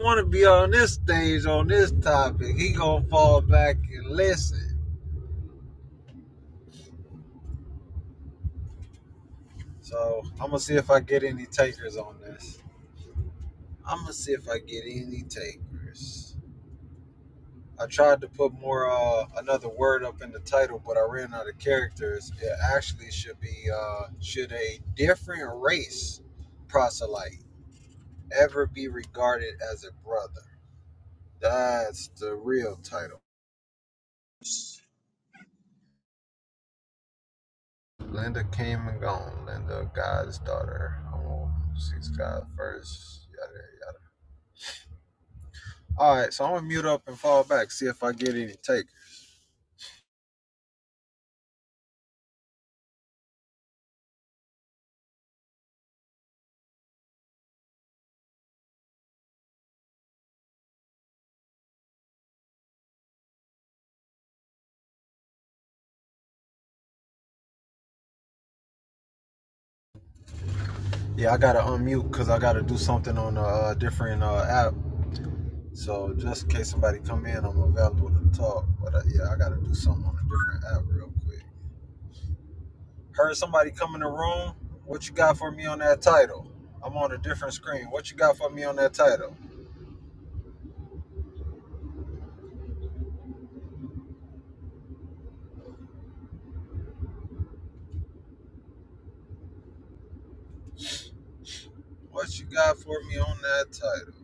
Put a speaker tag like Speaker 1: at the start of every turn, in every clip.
Speaker 1: want to be on this stage on this topic. He gonna fall back and listen. So I'm gonna see if I get any takers on this. I'm gonna see if I get any takers. I tried to put more uh, another word up in the title, but I ran out of characters. It actually should be uh, should a different race proselyte ever be regarded as a brother? That's the real title. Linda came and gone. Linda, God's daughter. Oh, she's God first. Yada, yada. All right, so I'm gonna mute up and fall back. See if I get any take. Yeah, I gotta unmute because I gotta do something on a uh, different uh, app. So just in case somebody come in, I'm available to talk. But uh, yeah, I gotta do something on a different app real quick. Heard somebody come in the room. What you got for me on that title? I'm on a different screen. What you got for me on that title? What you got for me on that title?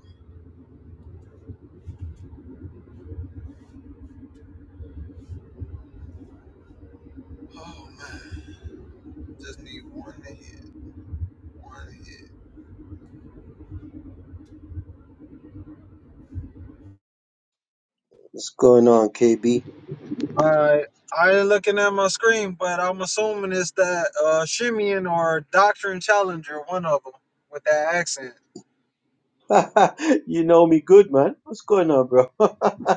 Speaker 1: Oh man. Just need one hit. One hit.
Speaker 2: What's going on, KB?
Speaker 1: Alright. I ain't looking at my screen, but I'm assuming it's that uh Shimeon or Doctrine Challenger, one of them, with that accent.
Speaker 2: you know me good, man. What's going on, bro?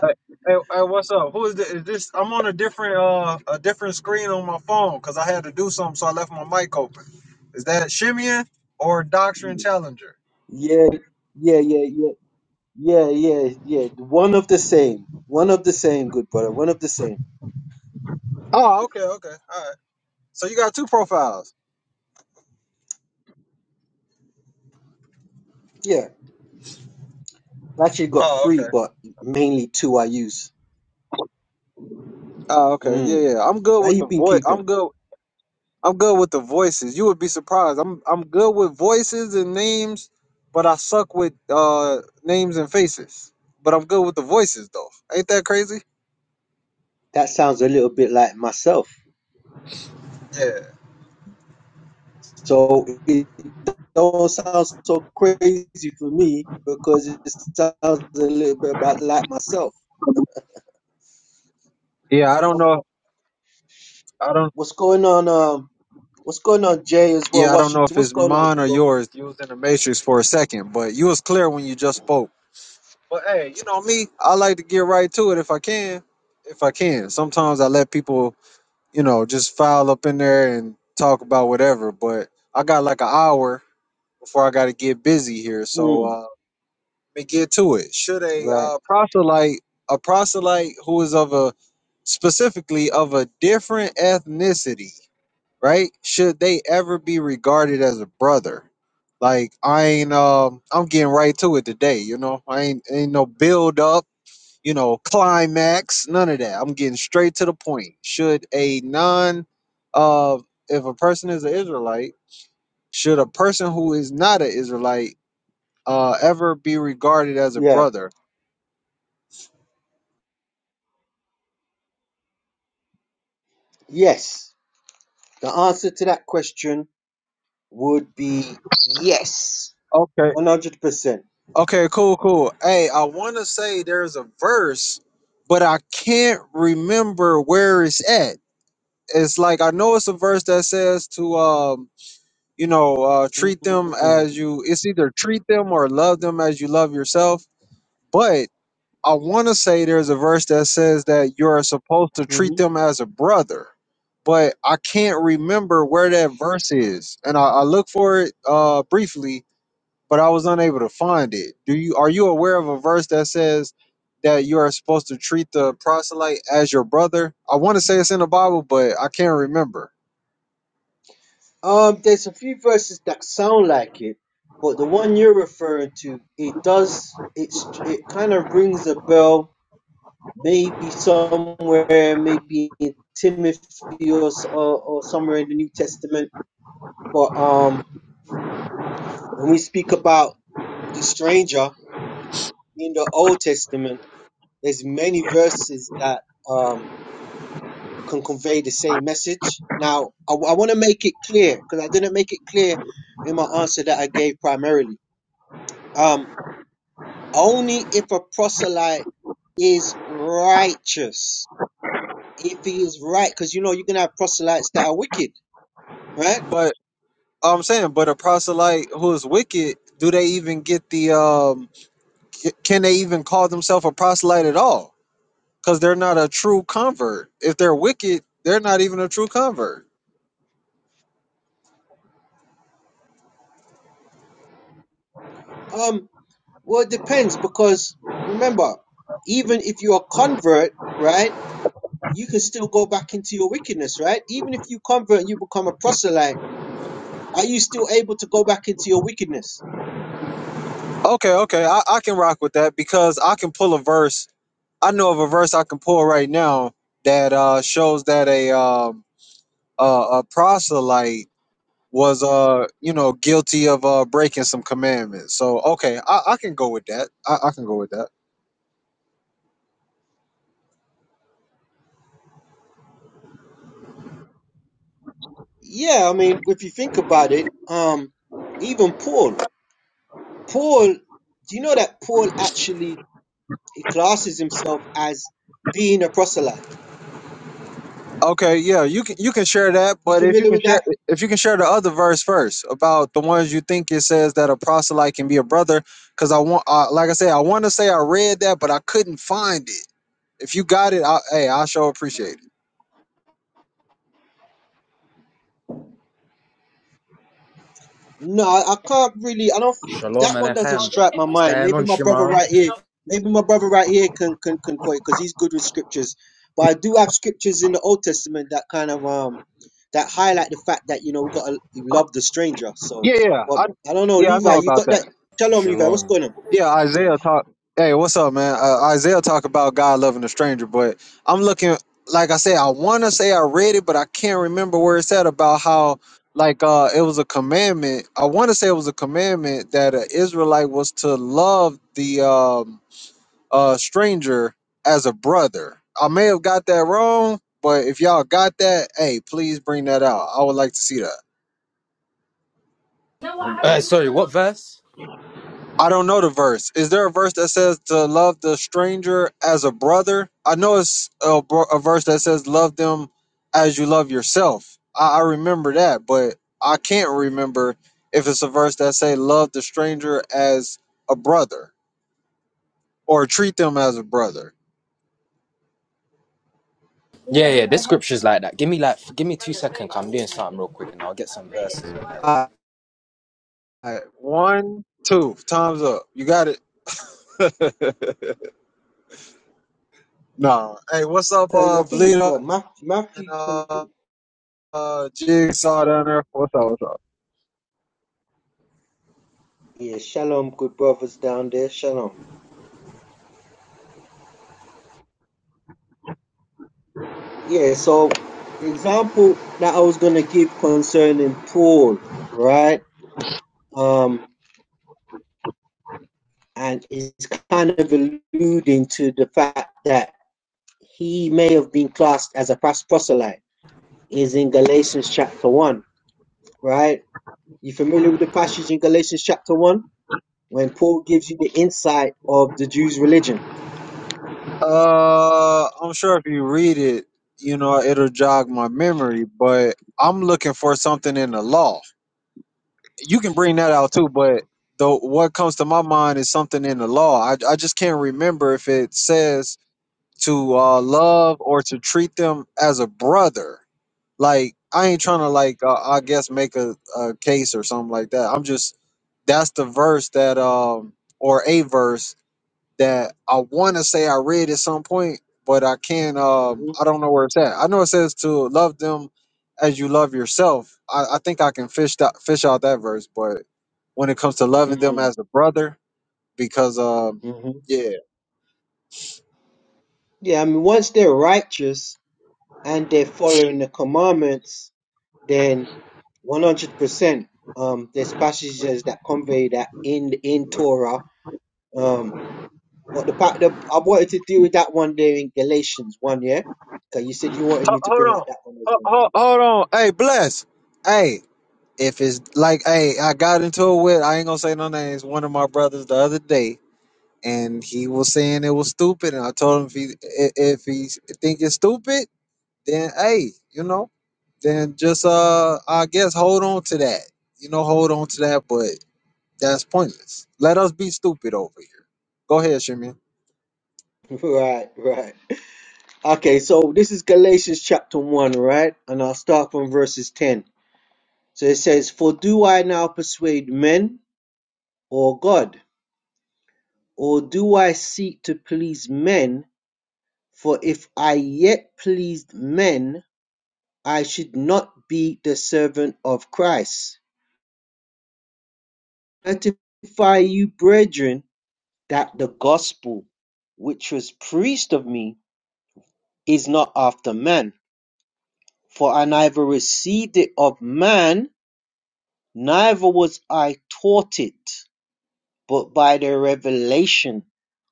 Speaker 1: Hey, hey, hey, what's up? Who is this? Is this? I'm on a different uh a different screen on my phone because I had to do something, so I left my mic open. Is that Shimeon or Doctrine Challenger?
Speaker 2: Yeah, yeah, yeah, yeah, yeah, yeah, yeah. One of the same. One of the same, good brother. One of the same.
Speaker 1: Oh, okay, okay, all right. So you got two profiles.
Speaker 2: Yeah. I actually got
Speaker 1: Oh,
Speaker 2: three,
Speaker 1: okay.
Speaker 2: but mainly two I use.
Speaker 1: Oh, okay. Yeah,
Speaker 2: Mm.
Speaker 1: yeah. I'm good
Speaker 2: So how
Speaker 1: with
Speaker 2: you
Speaker 1: the
Speaker 2: been
Speaker 1: voice.
Speaker 2: keeping?
Speaker 1: I'm good. I'm good with the voices. You would be surprised. I'm I'm good with voices and names, but I suck with uh names and faces. But I'm good with the voices though. Ain't that crazy?
Speaker 2: That sounds a little bit like myself.
Speaker 1: Yeah.
Speaker 2: So it don't sound so crazy for me because it sounds a little bit about like myself.
Speaker 1: Yeah, I don't know. If, I don't.
Speaker 2: What's going on, um, What's going on, Jay, as well,
Speaker 1: Yeah, I don't know
Speaker 2: Washington?
Speaker 1: if
Speaker 2: What's
Speaker 1: it's
Speaker 2: going on,
Speaker 1: mine or
Speaker 2: Google?
Speaker 1: yours. You was in the matrix for a second, but you was clear when you just spoke. But hey, you know me. I like to get right to it if I can. If I can, sometimes I let people, you know, just file up in there and talk about whatever. But I got like an hour before I got to get busy here. So
Speaker 2: Mm,
Speaker 1: uh, let me get to it. Should a
Speaker 2: right.
Speaker 1: uh, proselyte, a proselyte who is of a specifically of a different ethnicity, right? Should they ever be regarded as a brother? Like I ain't, um, I'm getting right to it today. You know, I ain't ain't no build up. You know, climax, none of that. I'm getting straight to the point. Should a non, uh, if a person is an Israelite, should a person who is not an Israelite uh, ever be regarded as a
Speaker 2: Yeah.
Speaker 1: brother.
Speaker 2: Yes. The answer to that question would be yes.
Speaker 1: Okay.
Speaker 2: 100%.
Speaker 1: Okay, cool, cool. Hey, I want to say there's a verse, but I can't remember where it's at. It's like I know it's a verse that says to um, you know, uh treat them as
Speaker 2: Mm.
Speaker 1: you it's either treat them or love them as you love yourself, but I want to say there's a verse that says that you're supposed to treat
Speaker 2: Mhm.
Speaker 1: them as a brother, but I can't remember where that verse is. And I, I look for it uh briefly, but I was unable to find it. Do you are you aware of a verse that says that you are supposed to treat the proselyte as your brother? I want to say it's in the Bible, but I can't remember.
Speaker 2: Um, there's a few verses that sound like it, but the one you're referring to, it does. It's it kind of rings a bell, maybe somewhere, maybe in Timothy or, s- or or somewhere in the New Testament. But um, when we speak about the stranger in the Old Testament, there's many verses that um, can convey the same message. Now, I, I want to make it clear because I didn't make it clear in my answer that I gave primarily. Um, only if a proselyte is righteous, if he is right, because you know you can have proselytes that are wicked, right?
Speaker 1: But I'm saying, but a proselyte who is wicked, do they even get the um c- can they even call themselves a proselyte at all? Cuz they're not a true convert. If they're wicked, they're not even a true convert.
Speaker 2: Um, well, it depends because remember, even if you're a convert, right? you can still go back into your wickedness, right? Even if you convert and you become a proselyte, are you still able to go back into your wickedness?
Speaker 1: Okay, okay, I, I can rock with that because I can pull a verse I know of a verse I can pull right now that uh, shows that a um, a, a proselyte was uh you know guilty of uh breaking some commandments. So okay, I, I can go with that. I, I can go with that.
Speaker 2: Yeah, I mean, if you think about it, um, even Paul, Paul, do you know that Paul actually he classes himself as being a proselyte?
Speaker 1: Okay, yeah, you can you can share that,
Speaker 2: You
Speaker 1: but if you
Speaker 2: familiar
Speaker 1: can
Speaker 2: with
Speaker 1: share
Speaker 2: that?
Speaker 1: if you can share the other verse first about the ones you think it says that a proselyte can be a brother, because I want uh, like I said, I want to say I read that, but I couldn't find it. If you got it, I, hey, I sure appreciate it.
Speaker 2: No, I I can't really. I don't.
Speaker 3: Shalom
Speaker 2: That one doesn't
Speaker 3: aleichem.
Speaker 2: strike my
Speaker 3: What's
Speaker 2: mind.
Speaker 3: going
Speaker 2: Maybe
Speaker 3: on,
Speaker 2: my brother
Speaker 3: Shimon?
Speaker 2: right here, maybe my brother right here can can can quote because he's good with scriptures. But I do have scriptures in the Old Testament that kind of um that highlight the fact that you know we got to love the stranger. So,
Speaker 1: Yeah, yeah, I
Speaker 2: well, I don't know,
Speaker 1: yeah I
Speaker 2: Levi,
Speaker 1: know
Speaker 2: you
Speaker 1: about
Speaker 2: got that?
Speaker 1: that.
Speaker 2: Shalom, Levi. What's
Speaker 3: Shalom.
Speaker 2: going
Speaker 1: Yeah,
Speaker 2: on?
Speaker 1: Isaiah talk. Hey, what's up, man? Uh, Isaiah talk about God loving a stranger, but I'm looking. Like I said, I want to say I read it, but I can't remember where it's at about how like uh it was a commandment. I want to say it was a commandment that an Israelite was to love the um uh stranger as a brother. I may have got that wrong, but if y'all got that, hey, please bring that out. I would like to see that.
Speaker 3: Uh, sorry, what verse?
Speaker 1: I don't know the verse. Is there a verse that says to love the stranger as a brother? I know it's a, bro- a verse that says love them as you love yourself. I, I remember that, but I can't remember if it's a verse that say love the stranger as a brother or treat them as a brother.
Speaker 3: Yeah, yeah, this scripture's like that. Give me like, give me two seconds. I'm doing something real quick, and I'll get some verses on that.
Speaker 1: All right, one, two, time's up. You got it. no. Hey, what's up,
Speaker 2: Uh, I
Speaker 1: uh,
Speaker 2: think it
Speaker 1: Bleeder
Speaker 2: well Matthew,
Speaker 1: and
Speaker 2: Matthew
Speaker 1: uh,
Speaker 2: 23.
Speaker 1: uh, Jigsaw down there? What's up? What's up?
Speaker 2: Yeah, shalom, good brothers down there. Shalom. Yeah, so the example that I was gonna give concerning Paul, right? Um, and it's kind of alluding to the fact that he may have been classed as a proselyte, is in Galatians chapter one, right? You familiar with the passage in Galatians chapter 1 when Paul gives you the insight of the Jews' religion?
Speaker 1: Uh, I'm sure if you read it, you know, it'll jog my memory, but I'm looking for something in the law. You can bring that out too, but the what comes to my mind is something in the law. I, I just can't remember if it says to uh, love or to treat them as a brother. Like I ain't trying to like uh, I guess make a, a case or something like that. I'm just that's the verse that um or a verse that I want to say I read at some point, but I can't. Um, I don't know where it's at. I know it says to love them as you love yourself. I, I think I can fish that fish out that verse, but when it comes to loving
Speaker 2: Mm-hmm.
Speaker 1: them as
Speaker 2: hmm
Speaker 1: a brother, because um,
Speaker 2: hmm
Speaker 1: yeah.
Speaker 2: Yeah, I mean, once they're righteous and they're following the commandments, then 100%. Um, there's passages that convey that in in Torah. Um, what the, pa- the I wanted to deal with that one there in Galatians 1, yeah? Because you said you wanted
Speaker 1: Ho-
Speaker 2: me to
Speaker 1: Hold
Speaker 2: bring
Speaker 1: on,
Speaker 2: out that one as
Speaker 1: Ho- ho- hold on. Hey, bless. Hey, if it's like, hey, I got into it with. I ain't gonna say no names. One of my brothers the other day. And he was saying it was stupid, and I told him if he i- if he think it's stupid, then hey, you know, then just uh I guess hold on to that. You know, hold on to that, but that's pointless. Let us be stupid over here. Go ahead, Shimmy.
Speaker 2: well. right, right. Okay, so this is Galatians chapter 1, right? And I'll start from verses 10. So it says, For do I now persuade men or God? Or do I seek to please men? For if I yet pleased men, I should not be the servant of Christ. Certify you, brethren, that the gospel which was preached of me is not after man. For I neither received it of man, Neither was I taught it, but by the revelation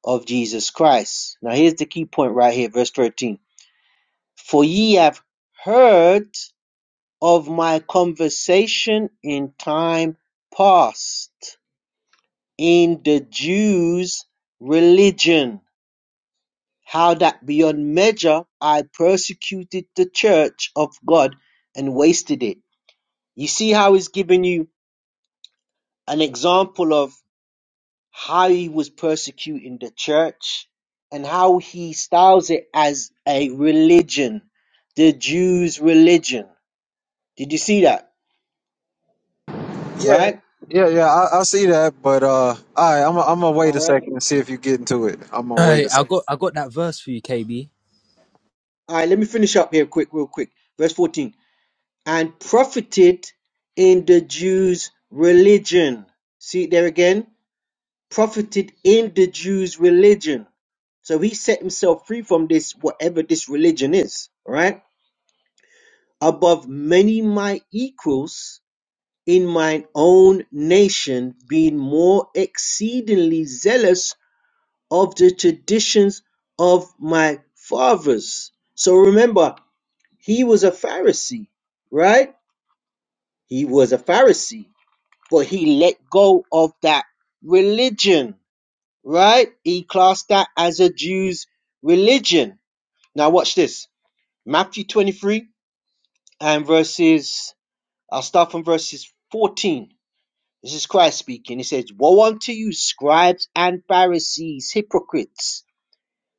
Speaker 2: of Jesus Christ. Now here's the key point right here, verse 13. For ye have heard of my conversation in time past in the Jews' religion, how that beyond measure I persecuted the church of God and wasted it. You see how he's giving you an example of how he was persecuting the church and how he styles it as a religion, the Jews' religion. Did you see that?
Speaker 1: Yeah,
Speaker 2: Right?
Speaker 1: yeah, yeah. I, I see that, but uh, all right, I'm i I'm gonna wait
Speaker 2: All
Speaker 1: a
Speaker 2: right.
Speaker 1: second and see if you get into it. I'm gonna wait
Speaker 3: Hey,
Speaker 1: a
Speaker 3: I
Speaker 1: second.
Speaker 3: got I got that verse for you, KB.
Speaker 2: All right, let me finish up here quick, real quick. Verse 14. And profited in the Jews' religion. See it there again? Profited in the Jews' religion. So he set himself free from this, whatever this religion is, all right? Above many my equals in mine own nation, being more exceedingly zealous of the traditions of my fathers. So remember, he was a Pharisee, right? He was a Pharisee, but he let go of that religion, right? He classed that as a Jew's religion. Now, watch this Matthew 23 and verses, I'll start from verses 14 This is Christ speaking. He says, Woe unto you, scribes and Pharisees, hypocrites!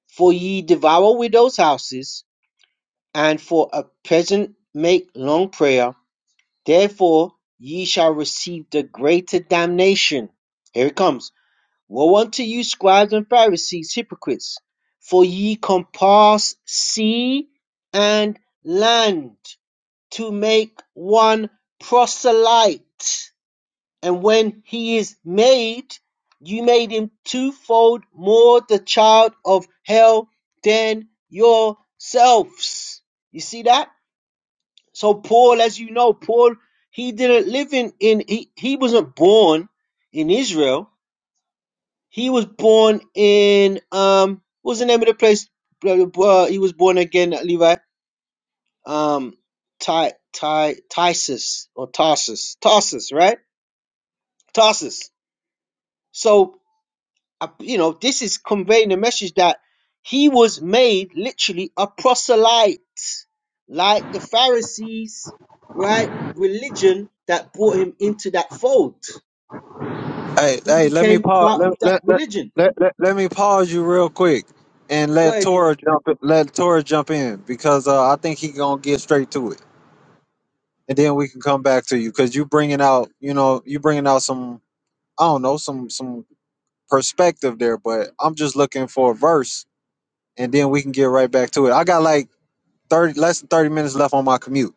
Speaker 2: For ye devour widows' houses, and for a present make long prayer. Therefore ye shall receive the greater damnation. Here it comes. Woe unto you, scribes and Pharisees, hypocrites! For ye compass sea and land to make one proselyte. And when he is made, you made him twofold more the child of hell than yourselves. You see that? So Paul, as you know, Paul, he didn't live in, in he, he wasn't born in Israel. He was born in um what was the name of the place? Uh, he was born again, Levi. Um Ty Ty Tysus or Tarsus. Tarsus, right? Tarsus. So uh, you know, this is conveying a message that he was made literally a proselyte, like the Pharisees, right? Religion that brought him into that fold.
Speaker 1: Hey,
Speaker 2: He
Speaker 1: hey, let me
Speaker 2: became
Speaker 1: pause.
Speaker 2: part of
Speaker 1: Let
Speaker 2: that
Speaker 1: let let
Speaker 2: religion.
Speaker 1: let, let, let me pause you real quick and
Speaker 2: Go
Speaker 1: let
Speaker 2: ahead, King.
Speaker 1: Tora jump. in- Let Tora jump in because uh, I think he gonna get straight to it, and then we can come back to you because you bringing out, you know, you bringing out some I don't know, some some perspective there, but I'm just looking for a verse and then we can get right back to it. I got like 30 less than 30 minutes left on my commute.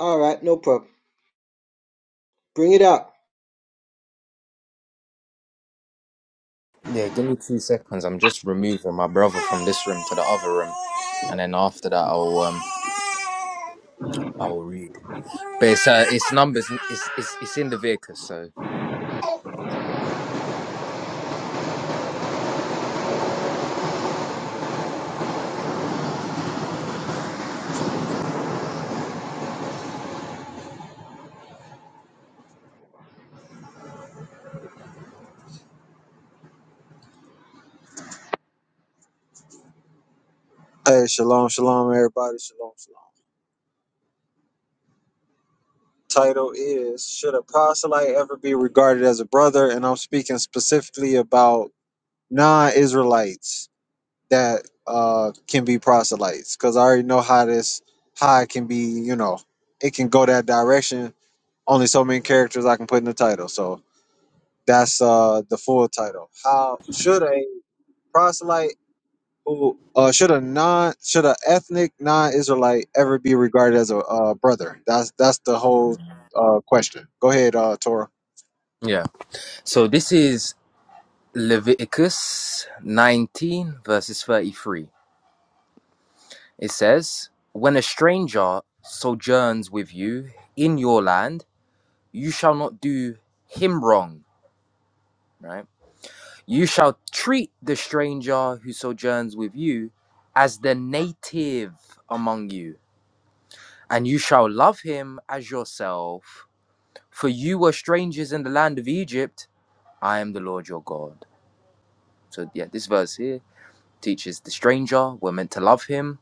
Speaker 2: All right, no problem. Bring it up.
Speaker 3: Yeah, give me two seconds. I'm just removing my brother from this room to the other room, and then after that, I'll um, I'll read. But it's uh, it's numbers. It's it's, it's in Leviticus. So
Speaker 1: Hey, shalom, shalom everybody. Shalom, shalom. Title is Should a proselyte ever be regarded as a brother? And I'm speaking specifically about non-Israelites that uh can be proselytes cuz I already know how this how it can be, you know, it can go that direction. Only so many characters I can put in the title. So That's uh the full title. How should a proselyte who uh should a non should a ethnic non-Israelite ever be regarded as a uh, brother? That's that's the whole uh question. Go ahead, uh Torah.
Speaker 3: yeah. So this is Leviticus 19 verses 33. It says, When a stranger sojourns with you in your land, you shall not do him wrong, right? You shall treat the stranger who sojourns with you as the native among you, and you shall love him as yourself. For you were strangers in the land of Egypt. I am the Lord your God. So, yeah, this verse here teaches the stranger, we're meant to love him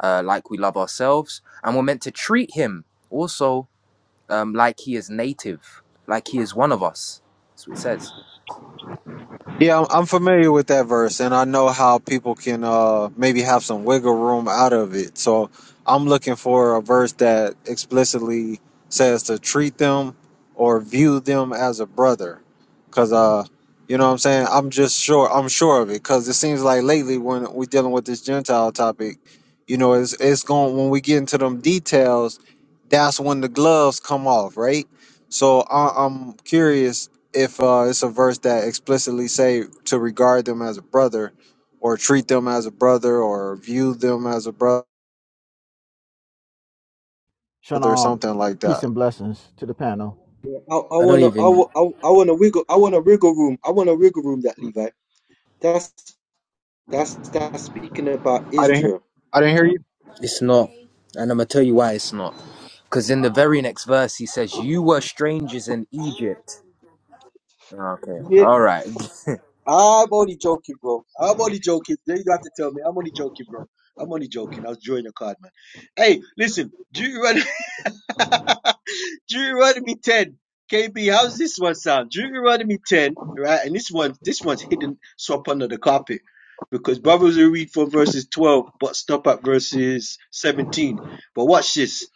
Speaker 3: uh, like we love ourselves, and we're meant to treat him also um, like he is native, like he is one of us. That's what it says.
Speaker 1: Yeah, I'm I'm familiar with that verse, and I know how people can uh, maybe have some wiggle room out of it. So I'm looking for a verse that explicitly says to treat them or view them as a brother, because uh, you know what I'm saying. I'm just sure I'm sure of it, because it seems like lately when we're dealing with this Gentile topic, you know, it's it's going when we get into them details, that's when the gloves come off, right? So I, I'm curious if uh, it's a verse that explicitly say to regard them as a brother or treat them as a brother or view them as a brother or
Speaker 4: Shalom,
Speaker 1: something like
Speaker 4: peace
Speaker 1: that
Speaker 4: and blessings to the panel.
Speaker 2: I, I
Speaker 3: I don't
Speaker 2: wanna, I,
Speaker 3: even.
Speaker 2: wa- I, wa- I wanna wiggle, I wanna wiggle room. I wanna wiggle room that Levi. That's that's that's speaking about
Speaker 1: i didn't hear,
Speaker 2: Israel.
Speaker 1: i didn't hear you
Speaker 3: It's not, and I'm gonna tell you why it's not. Because in the very next verse, he says, "You were strangers in Egypt." Okay, all right.
Speaker 2: I'm only joking, bro. I'm only joking. You don't have to tell me. I'm only joking, bro. I'm only joking. I was drawing a card, man. Hey, listen, Deuteronomy, Deuteronomy 10. KB, how's this one sound? Deuteronomy 10, right? And this one, this one's hidden swap under the carpet because brothers will read from verses 12 but stop at verses 17. But watch this.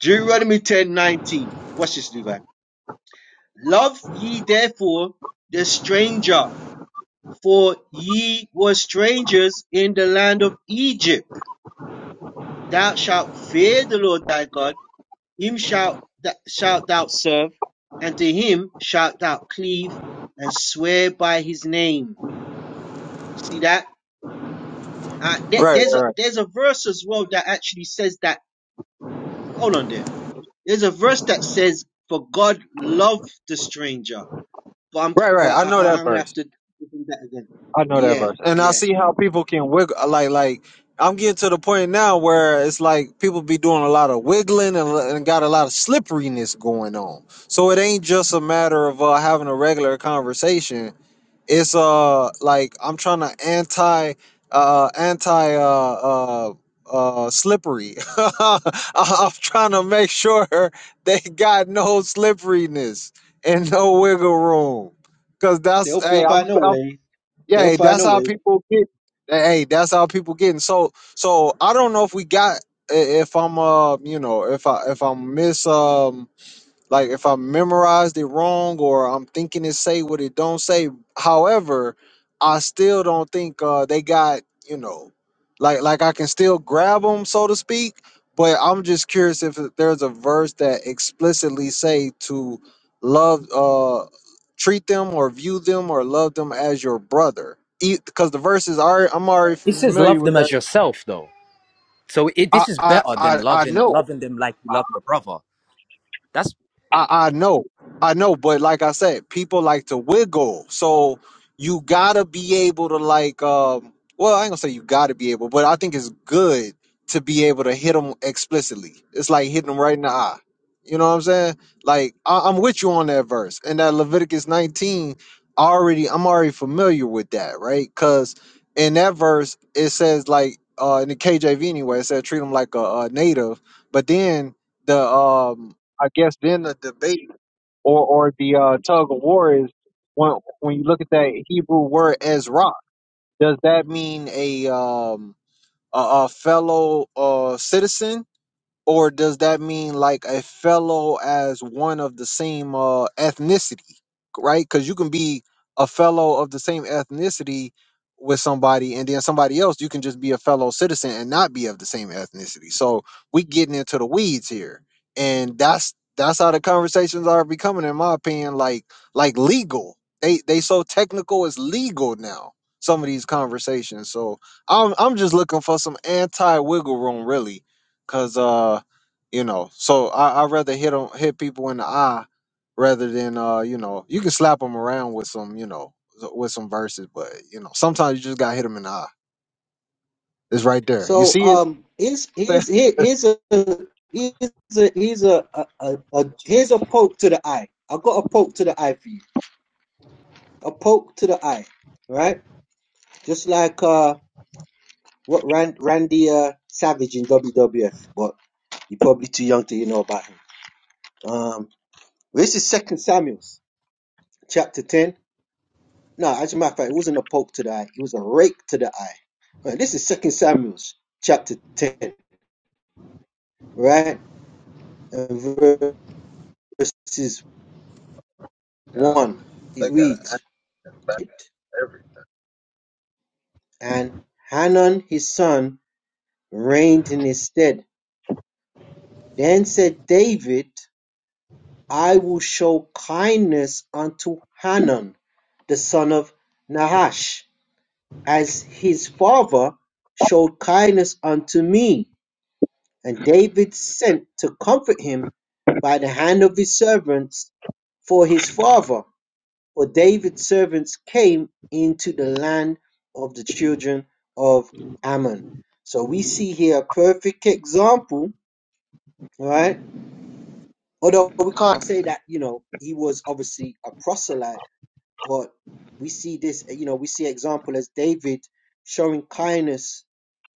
Speaker 2: Deuteronomy 10, 19. Watch this, Levi. Love ye therefore the stranger for ye were strangers in the land of Egypt. Thou shalt fear the Lord thy God, him shalt, th- shalt thou serve, and to him shalt thou cleave and swear by his name. You see that? Uh, there-
Speaker 1: right
Speaker 2: there's, a,
Speaker 1: right right
Speaker 2: there's a verse as well that actually says that. Hold on there. There's a verse that says, For God loved the stranger. But I'm,
Speaker 1: right right
Speaker 2: but
Speaker 1: i
Speaker 2: I,
Speaker 1: know
Speaker 2: I-
Speaker 1: that
Speaker 2: I'm going to have
Speaker 1: verse
Speaker 2: to do that again.
Speaker 1: i know that
Speaker 2: Yeah,
Speaker 1: verse and i
Speaker 2: yeah.
Speaker 1: see how people can wiggle like like i'm getting to the point now where it's like people be doing a lot of wiggling and, and got a lot of slipperiness going on so it ain't just a matter of uh, having a regular conversation it's uh like I'm trying to anti uh anti uh uh uh slippery. I- I'm trying to make sure they got no slipperiness and no wiggle room. Cause
Speaker 2: They'll
Speaker 1: that's hey
Speaker 2: feel
Speaker 1: I'm,
Speaker 2: find a
Speaker 1: I'm
Speaker 2: way.
Speaker 1: yeah
Speaker 2: They'll
Speaker 1: hey,
Speaker 2: find
Speaker 1: that's
Speaker 2: a
Speaker 1: how
Speaker 2: way.
Speaker 1: people get hey that's how people getting so so I don't know if we got i- if I'm uh you know if I if I'm miss um like if I memorized it wrong or I'm thinking it say what it don't say. However, I still don't think uh, they got you know, like like I can still grab them so to speak. But I'm just curious if there's a verse that explicitly say to love, uh, treat them or view them or love them as your brother. Because the verses are, I'm already
Speaker 3: It says,
Speaker 1: familiar
Speaker 3: "Love
Speaker 1: with
Speaker 3: them
Speaker 1: that.
Speaker 3: as yourself," though. So it,
Speaker 1: I
Speaker 3: this is
Speaker 1: I
Speaker 3: better than
Speaker 1: I, I
Speaker 3: loving
Speaker 1: know.
Speaker 3: loving them like you love your brother. That's.
Speaker 1: I, I know, I know, but like I said, people like to wiggle. So you gotta be able to like, um, well, I ain't gonna say you gotta be able, but I think it's good to be able to hit them explicitly. It's like hitting them right in the eye. You know what I'm saying? Like I, I'm with you on that verse and that Leviticus 19. Already, I'm already familiar with that, right? Because in that verse it says like, uh, in the KJV anyway, it said treat them like a, a native, but then the um I guess then the debate or or the uh, tug of war is when when you look at that Hebrew word Ezra, does that mean a um a, a fellow uh citizen or does that mean like a fellow as one of the same uh, ethnicity, right? Because you can be a fellow of the same ethnicity with somebody, and then somebody else, you can just be a fellow citizen and not be of the same ethnicity. So we getting into the weeds here, and that's that's how the conversations are becoming, in my opinion, like like legal. They they so technical, it's legal now. Some of these conversations, so I'm I'm just looking for some anti wiggle room, really Cause uh, you know, so I I rather hit on hit people in the eye rather than uh, you know, you can slap them around with some you know s- with some verses, but you know, sometimes you just gotta hit them in the eye. It's right there. You
Speaker 2: So
Speaker 1: see
Speaker 2: um, he's
Speaker 1: it?
Speaker 2: he's he, he's a he's a he's a, a, a, a here's a poke to the eye. I got a poke to the eye for you. A poke to the eye, right? Just like uh, what Rand, Randy uh, Savage in WWF, but you're probably too young to you know about him. Um, this is Second Samuel's chapter ten. No, as a matter of fact, it wasn't a poke to the eye. It was a rake to the eye. Right, this is Second Samuel's chapter ten, right? And verse
Speaker 1: Yeah,
Speaker 2: won
Speaker 1: they got to
Speaker 2: with it, and Hanun his son reigned in his stead. Then said David, I will show kindness unto Hanun, the son of Nahash, as his father showed kindness unto me. And David sent to comfort him by the hand of his servants for his father. For David's servants came into the land of the children of Ammon. So we see here a perfect example, right? Although we can't say that, you know, he was obviously a proselyte, but we see this, you know, we see example as David showing kindness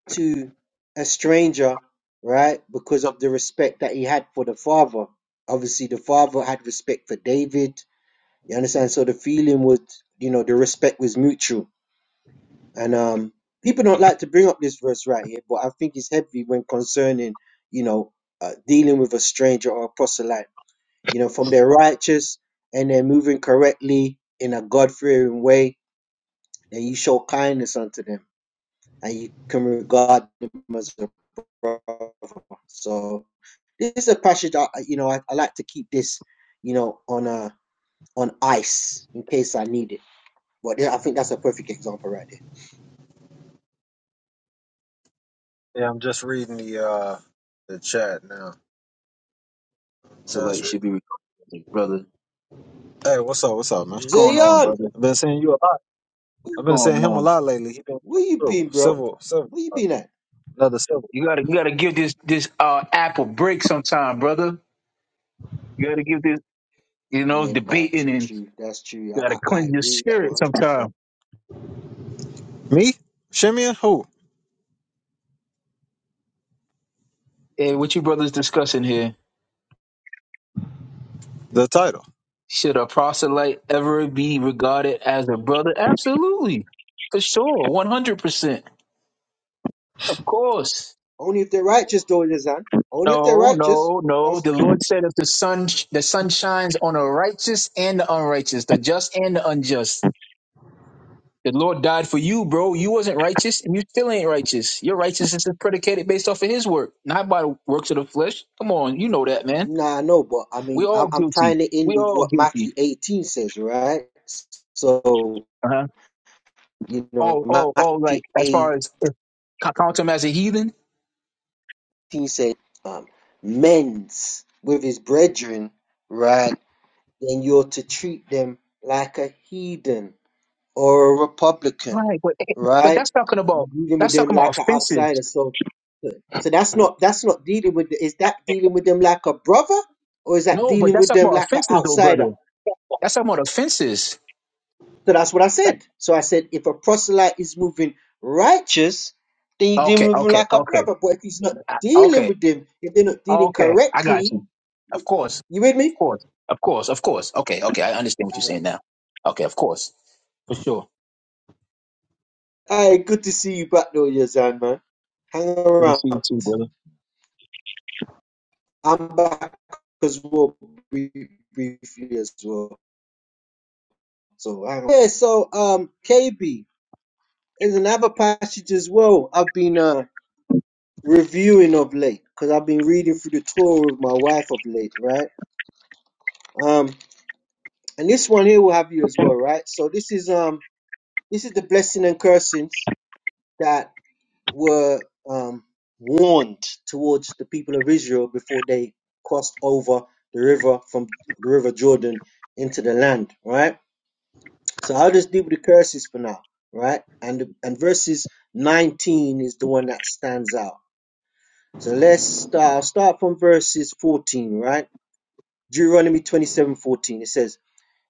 Speaker 2: to a stranger, right? Because of the respect that he had for the father. Obviously, the father had respect for David. You understand? So the feeling was, you know, the respect was mutual And um, people don't like to bring up this verse right here, but I think it's heavy when concerning, you know, uh, dealing with a stranger or a proselyte. You know, from their righteous and they're moving correctly in a God fearing way, then you show kindness unto them and you can regard them as a brother. So this is a passage I, you know, I, I like to keep this, you know, on uh on ice in case I need it. But yeah, I think that's a perfect example right
Speaker 1: Yeah, I'm just reading the uh the chat now. Just
Speaker 5: Select
Speaker 1: re-
Speaker 5: should be recording, brother. What's
Speaker 1: hey, what's up? What's up, man?
Speaker 2: there.
Speaker 5: going on,
Speaker 2: Zion!
Speaker 5: brother?
Speaker 1: I've
Speaker 5: What's
Speaker 1: been seeing you a lot. I've been
Speaker 5: going
Speaker 1: seeing him a
Speaker 5: on?
Speaker 1: lot lately. He been coming
Speaker 2: Where you
Speaker 1: through
Speaker 2: been, bro?
Speaker 1: civil, civil,
Speaker 2: Where you
Speaker 1: uh,
Speaker 2: been at?
Speaker 1: another civil.
Speaker 5: You gotta you gotta give this this uh app a break sometime, brother. You gotta give this you know
Speaker 2: Yeah, that's
Speaker 5: debating and
Speaker 2: true. That's true.
Speaker 5: you
Speaker 2: I,
Speaker 5: gotta
Speaker 2: I, I
Speaker 5: cleanse your
Speaker 2: agree with that
Speaker 5: spirit
Speaker 2: 100%.
Speaker 5: sometime.
Speaker 1: Me, Shimia, who
Speaker 5: Hey, what you brothers discussing here?
Speaker 1: the title?
Speaker 5: Should a proselyte ever be regarded as a brother? Absolutely, for sure, one hundred percent, of course.
Speaker 2: Only if they're righteous, though, Lizanne. Only if they're
Speaker 5: No,
Speaker 2: righteous.
Speaker 5: no, no.
Speaker 2: That's
Speaker 5: The Lord said, "If the sun the sun shines on the righteous and the unrighteous, the just and the unjust." The Lord died for you, bro. You wasn't righteous, and you still ain't righteous. Your righteousness is predicated based off of His work, not by the works of the flesh. Come on, you know that, man.
Speaker 2: nah, no, but I
Speaker 5: We
Speaker 2: mean,
Speaker 5: all
Speaker 2: I'm, I'm
Speaker 5: guilty.
Speaker 2: tying it in
Speaker 5: We
Speaker 2: with
Speaker 5: all
Speaker 2: what
Speaker 5: guilty.
Speaker 2: Matthew 18 says, right? So,
Speaker 5: Uh huh.
Speaker 2: you know,
Speaker 5: Oh, oh, oh.
Speaker 2: Matthew
Speaker 5: Like as far
Speaker 2: 18
Speaker 5: as if I count him as a heathen,
Speaker 2: said, um, men's with his brethren, right? Then you're to treat them like a heathen. or a Republican,
Speaker 5: right? But eh, but
Speaker 2: right?
Speaker 5: that's talking about
Speaker 2: You're dealing with
Speaker 5: that's
Speaker 2: them
Speaker 5: talking about
Speaker 2: like an
Speaker 5: offenses.
Speaker 2: outsider. So, so that's not that's not dealing with. Is that dealing with them like a brother, or is that
Speaker 5: No, but
Speaker 2: dealing
Speaker 5: that's
Speaker 2: with
Speaker 5: talking
Speaker 2: them
Speaker 5: about
Speaker 2: like an
Speaker 5: offenses, though,
Speaker 2: outsider?
Speaker 5: brother. That's talking about offenses.
Speaker 2: So that's what I
Speaker 5: That's
Speaker 2: said. So I said if a proselyte is moving righteous, then you're dealing
Speaker 5: okay,
Speaker 2: with him
Speaker 5: okay,
Speaker 2: like a
Speaker 5: okay,
Speaker 2: brother. But if he's not
Speaker 5: I-
Speaker 2: dealing
Speaker 5: okay,
Speaker 2: with them, if they're not dealing
Speaker 5: okay. I got
Speaker 2: correctly,
Speaker 5: you. Of course.
Speaker 2: you with me?
Speaker 5: course, of course, of course. Okay, okay, I understand what you're saying now. Okay, of course, for sure.
Speaker 2: All right, good to see you back though, Yazan man. Hang
Speaker 5: Good to see you
Speaker 2: around.
Speaker 5: too, brother.
Speaker 2: I'm back because we'll be briefly as well. So I yeah, so um KB is another passage as well. I've been uh reviewing of late because I've been reading through the Torah with my wife of late, right? Um, and this one here will have you as well, right? So this is um this is the blessing and cursings that were um warned towards the people of Israel before they crossed over the river from the river Jordan into the land, right? So I'll just do the curses for now, right? And and verses 19 is the one that stands out. So let's start, start from verses 14, right? Deuteronomy 27 14. It says,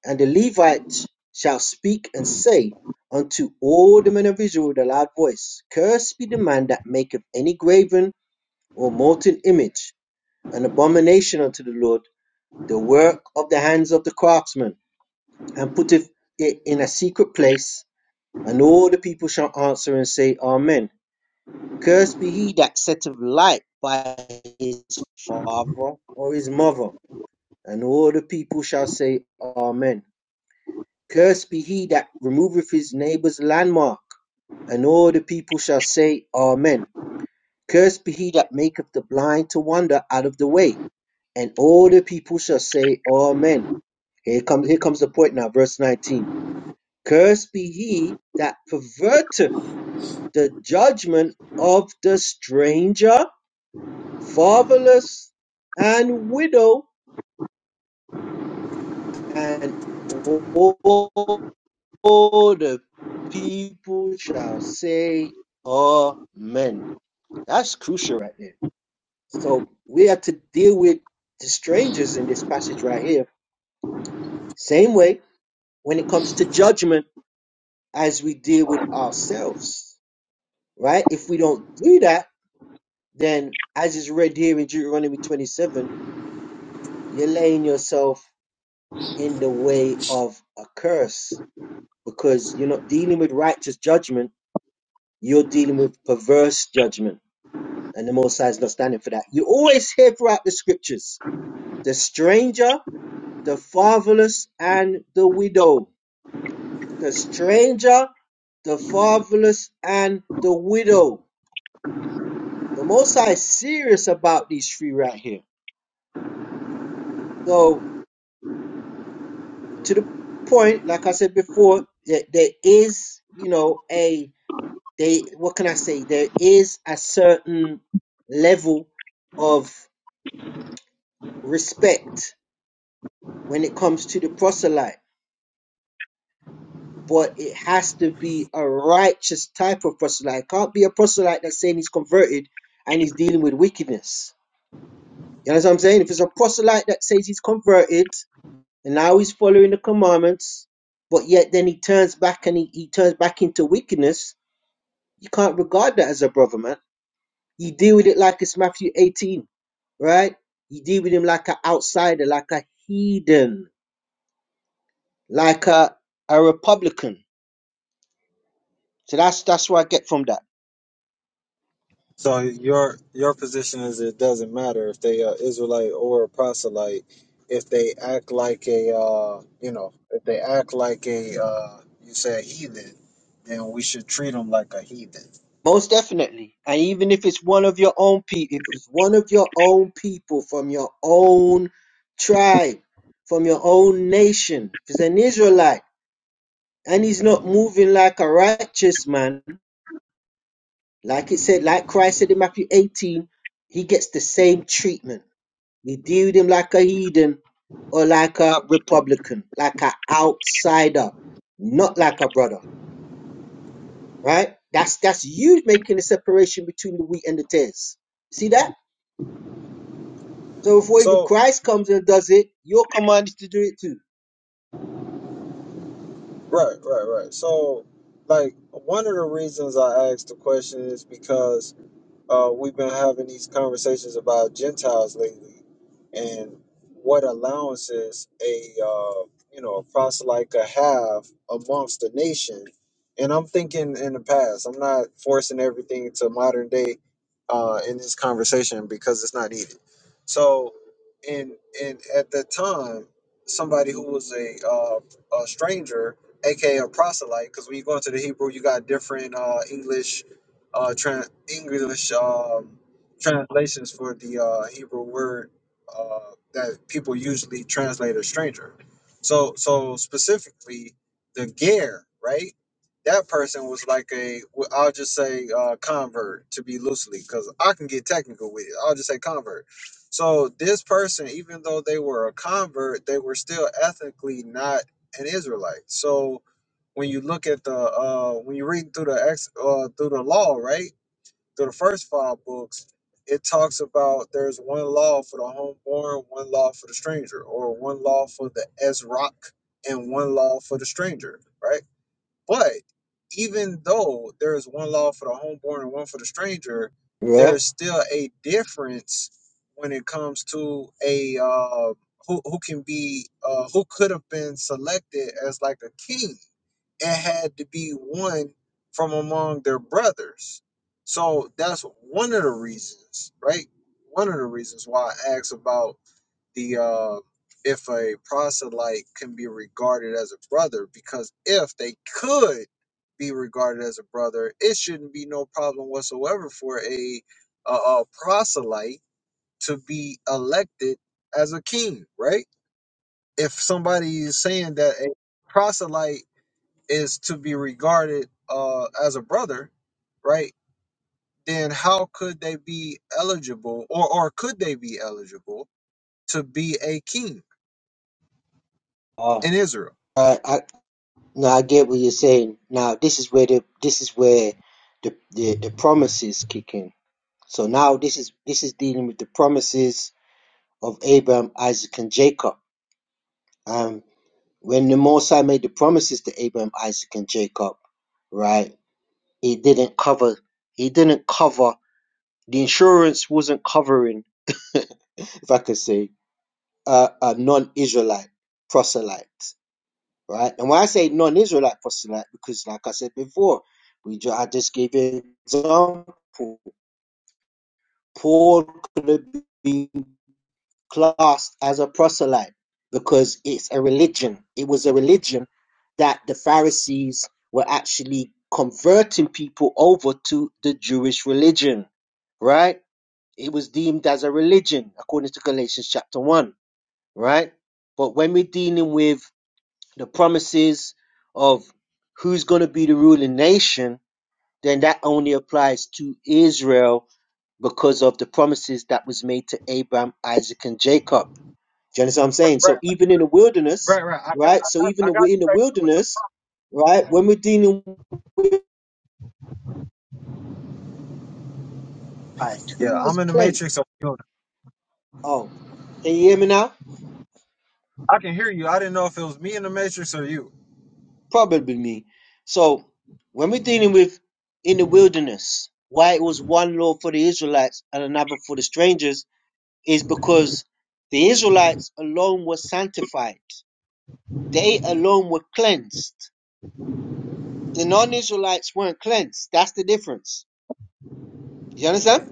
Speaker 2: And the Levites shall speak and say unto all the men of Israel with a loud voice, Cursed be the man that maketh any graven or molten image, an abomination unto the Lord, the work of the hands of the craftsman, and putteth it in a secret place And all the people shall answer and say, Amen. Cursed be he that setteth light by his father or his mother. And all the people shall say, Amen. Cursed be he that removeth his neighbour's landmark. And all the people shall say, Amen. Cursed be he that maketh the blind to wander out of the way. And all the people shall say, Amen. Here comes, here comes the point now, verse 19. Cursed be he that perverteth The judgment of the stranger, fatherless, and widow, and all the people shall say, Amen. That's crucial right there. So we have to deal with the strangers in this passage right here. Same way when it comes to judgment as we deal with ourselves, right? If we don't do that, then as is read here in Deuteronomy 27, You're laying yourself in the way of a curse because you're not dealing with righteous judgment. You're dealing with perverse judgment. And the Most High is not standing for that. You always hear throughout the scriptures the stranger, the fatherless, and the widow. The stranger, the fatherless, and the widow. The Most High is serious about these three right here. So, to the point, like I said before, that there is, you know, a they what can I say? There is a certain level of respect when it comes to the proselyte, but it has to be a righteous type of proselyte. It can't be a proselyte that's saying he's converted and he's dealing with wickedness. You know what I'm saying? If it's a proselyte that says he's converted and now he's following the commandments, but yet then he turns back and he, he turns back into wickedness, you can't regard that as a brother, man You deal with it like it's Matthew 18, right? You deal with him like an outsider, like a heathen, like a, a Republican. So that's that's what I get from that.
Speaker 1: So your your position is it doesn't matter if they are Israelite or a proselyte if they act like a uh, you know if they act like a uh, you say a heathen, then we should treat them like a heathen.
Speaker 2: Most definitely. And even if it's one of your own people, if it's one of your own people from your own tribe, from your own nation, if it's an Israelite, and he's not moving like a righteous man, like it said, like Christ said in Matthew 18, he gets the same treatment We with him like a heathen or like a Republican, like an outsider, not like a brother, right? That's that's you making the separation between the wheat and the tares. See that? So before even
Speaker 1: So
Speaker 2: Christ comes and does it, you're commanded to do it too,
Speaker 1: right, right, right. So like one of the reasons I asked the question is because uh, we've been having these conversations about Gentiles lately, and what allowances a uh, you know a proselyte could have amongst the nation. And I'm thinking in the past. I'm not forcing everything to modern day uh, in this conversation because it's not needed. So, and and at the time, somebody who was a uh, a stranger, aka a proselyte, because when you go into the Hebrew, you got different uh, English uh, tran English um, translations for the uh, Hebrew word uh, that people usually translate as stranger. So, so specifically, the ger, right? That person was like a, well, I'll just say uh, convert to be loosely, because I can get technical with it. I'll just say convert. So this person, even though they were a convert, they were still ethnically not an Israelite. So when you look at the uh when you read through the ex uh through the law right through the first five books it talks about there's one law for the homeborn one law for the stranger or one law for the ezrock and one law for the stranger right but even though there is one law for the homeborn and one for the stranger there
Speaker 2: right?
Speaker 1: is still a difference when it comes to a uh, who, who can be uh, who could have been selected as like a king it had to be one from among their brothers. So that's one of the reasons, right? One of the reasons why I asked about the uh, if a proselyte can be regarded as a brother, because if they could be regarded as a brother, it shouldn't be no problem whatsoever for a, a, a proselyte to be elected as a king, right? If somebody is saying that a proselyte is to be regarded uh, as a brother, right? Then how could they be eligible, or or could they be eligible to be a king
Speaker 2: Uh,
Speaker 1: in Israel?
Speaker 2: I, I no, I get what you're saying. Now this is where the this is where the the, the promises kick in. So now this is this is dealing with the promises of Abraham, Isaac, and Jacob. Um. when the Most High made the promises to Abraham, Isaac, and Jacob, right? He didn't cover. He didn't cover. The insurance wasn't covering, if I could say, uh, a non-Israelite proselyte, right? And when I say non-Israelite proselyte, because like I said before, we ju- I just gave you an example. Paul could have been classed as a proselyte because it's a religion. It was a religion that the Pharisees were actually converting people over to the Jewish religion, right? It was deemed as a religion according to Galatians chapter 1, right? But when we're dealing with the promises of who's going to be the ruling nation, then that only applies to Israel because of the promises that was made to Abraham, Isaac, and Jacob do you understand what I'm saying?
Speaker 1: Right,
Speaker 2: So even in the wilderness,
Speaker 1: right, right. I got,
Speaker 2: right? So even
Speaker 1: I
Speaker 2: in
Speaker 1: got.
Speaker 2: the
Speaker 1: Right.
Speaker 2: wilderness, right? When we're dealing with God,
Speaker 1: Yeah,
Speaker 2: who
Speaker 1: I'm
Speaker 2: was
Speaker 1: in the
Speaker 2: cleansed?
Speaker 1: matrix. I'm doing it.
Speaker 2: Oh, can you hear me now?
Speaker 1: I can hear you. I didn't know if it was me in the matrix or you.
Speaker 2: Probably me. So when we're dealing with in the wilderness, why it was one law for the Israelites and another for the strangers is because the Israelites alone were sanctified. They alone were cleansed. The non-Israelites weren't cleansed. That's the difference. You understand?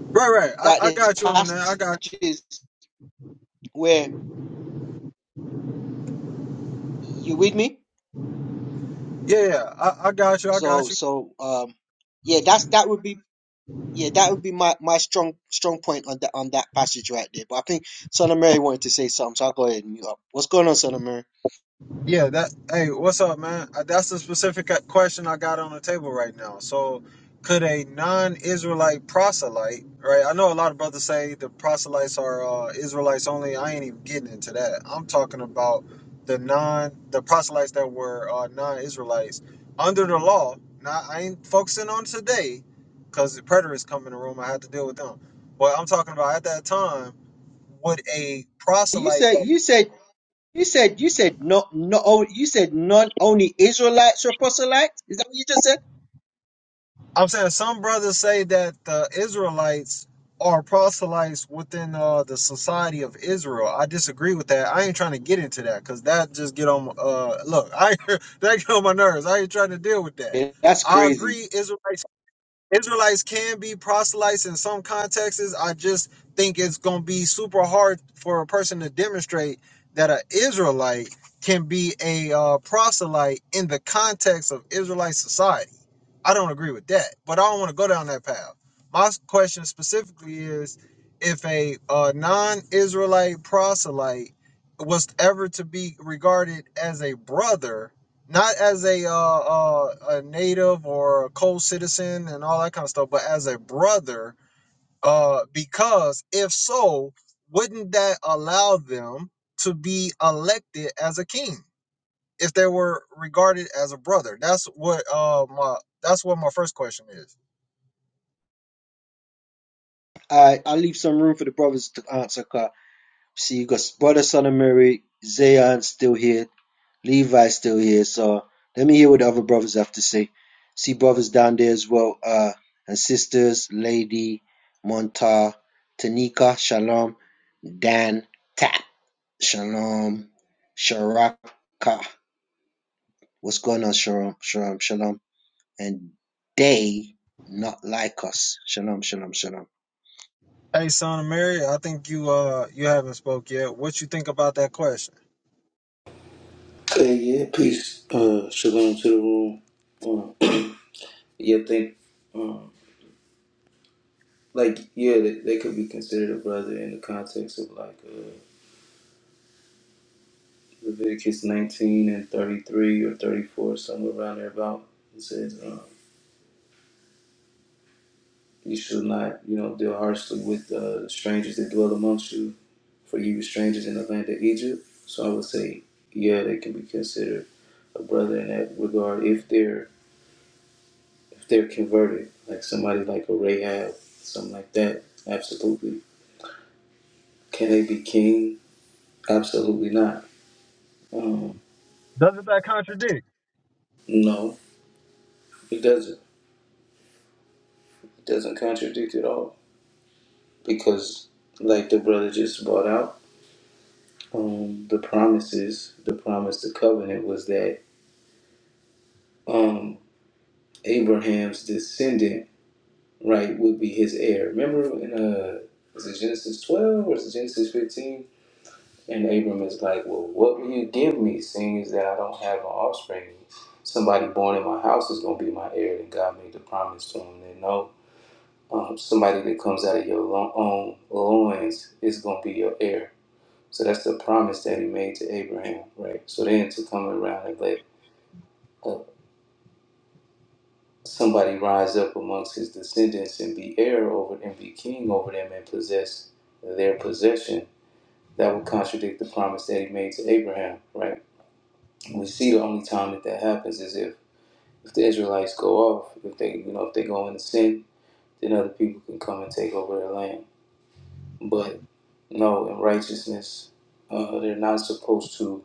Speaker 1: Right, right.
Speaker 2: That
Speaker 1: I, I
Speaker 2: there's
Speaker 1: got you on that. I got.
Speaker 2: passages where you with me.
Speaker 1: Yeah, yeah. I, I got you. I got you.
Speaker 2: So so um yeah, that's that would be yeah that would be my my strong strong point on that on that passage right there. But I think Son of Mary wanted to say something, so I'll go ahead and mute up. What's going on, Son of Mary?
Speaker 1: Yeah, that. Hey, what's up, man? Uh, That's the specific uh, question I got on the table right now. So, could a non-Israelite proselyte, right? I know a lot of brothers say the proselytes are uh, Israelites only. I ain't even getting into that. I'm talking about the non, the proselytes that were uh, non-Israelites under the law. Not, I ain't focusing on today, because the preterists come in the room. I had to deal with them. But I'm talking about at that time. Would a
Speaker 2: You
Speaker 1: proselyte
Speaker 2: said you said you said you said not not oh, you said not only Israelites or proselytes. Is that what you just said?
Speaker 1: I'm saying some brothers say that the Israelites are proselytes within uh, the society of Israel. I disagree with that. I ain't trying to get into that because that just get on. Uh, look, I that get on my nerves. I ain't trying to deal with that.
Speaker 2: Yeah, that's
Speaker 1: I
Speaker 2: crazy.
Speaker 1: agree. Israelites Israelites can be proselytes in some contexts. I just think it's gonna be super hard for a person to demonstrate that an Israelite can be a uh, proselyte in the context of Israelite society. I don't agree with that, but I don't want to go down that path. My question specifically is if a, uh non-Israelite proselyte was ever to be regarded as a brother, not as a uh, uh, a native or a co-citizen and all that kind of stuff, but as a brother, uh, because if so, wouldn't that allow them to be elected as a king? if they were regarded as a brother. That's what uh my that's what my first question is.
Speaker 2: I I'll leave some room for the brothers to answer. 'cause see, you got brother Son of Mary, Zion's still here, Levi's still here. So let me hear what the other brothers have to say. See brothers down there as well, uh, and sisters, Lady, Monta, Tanika, Shalom, Dan, Tap, Shalom, Sharaka. What's going on, Shalom, Shalom, Shalom, and they not like us. Shalom, Shalom, Shalom.
Speaker 1: Hey son of Mary, I think you uh you haven't spoke yet. What you think about that question?
Speaker 6: Okay, yeah, peace. Uh, shalom to the room. Um, yeah, think, um, like, yeah, they, they could be considered a brother in the context of like uh, Leviticus 19 and 33 or 34, somewhere around there about. It says, um, You should not, you know, deal harshly with uh, strangers that dwell amongst you, for you were strangers in the land of Egypt. So I would say, yeah, they can be considered a brother in that regard if they're If they're converted, like somebody like a Rahab, something like that, absolutely. Can they be king? Absolutely not. Um,
Speaker 1: Doesn't that contradict?
Speaker 6: no, it doesn't. It doesn't contradict at all because, like the brother just brought out, um, the promises, the promise, the covenant was that um, Abraham's descendant, right, would be his heir. Remember in uh, is it Genesis twelve or is it Genesis fifteen? And Abram is like, Well, what will you give me, seeing as that I don't have an offspring? Somebody born in my house is going to be my heir. And God made the promise to him that no, um, somebody that comes out of your lo- own loins is going to be your heir. So that's the promise that he made to Abraham, right? So then to come around and let uh, somebody rise up amongst his descendants and be heir over and be king over them and possess their possession, that would contradict the promise that he made to Abraham, right? we see the only time that that happens is if if the Israelites go off, if they you know if they go into sin, then other people can come and take over their land. But no, in righteousness, uh, they're not supposed to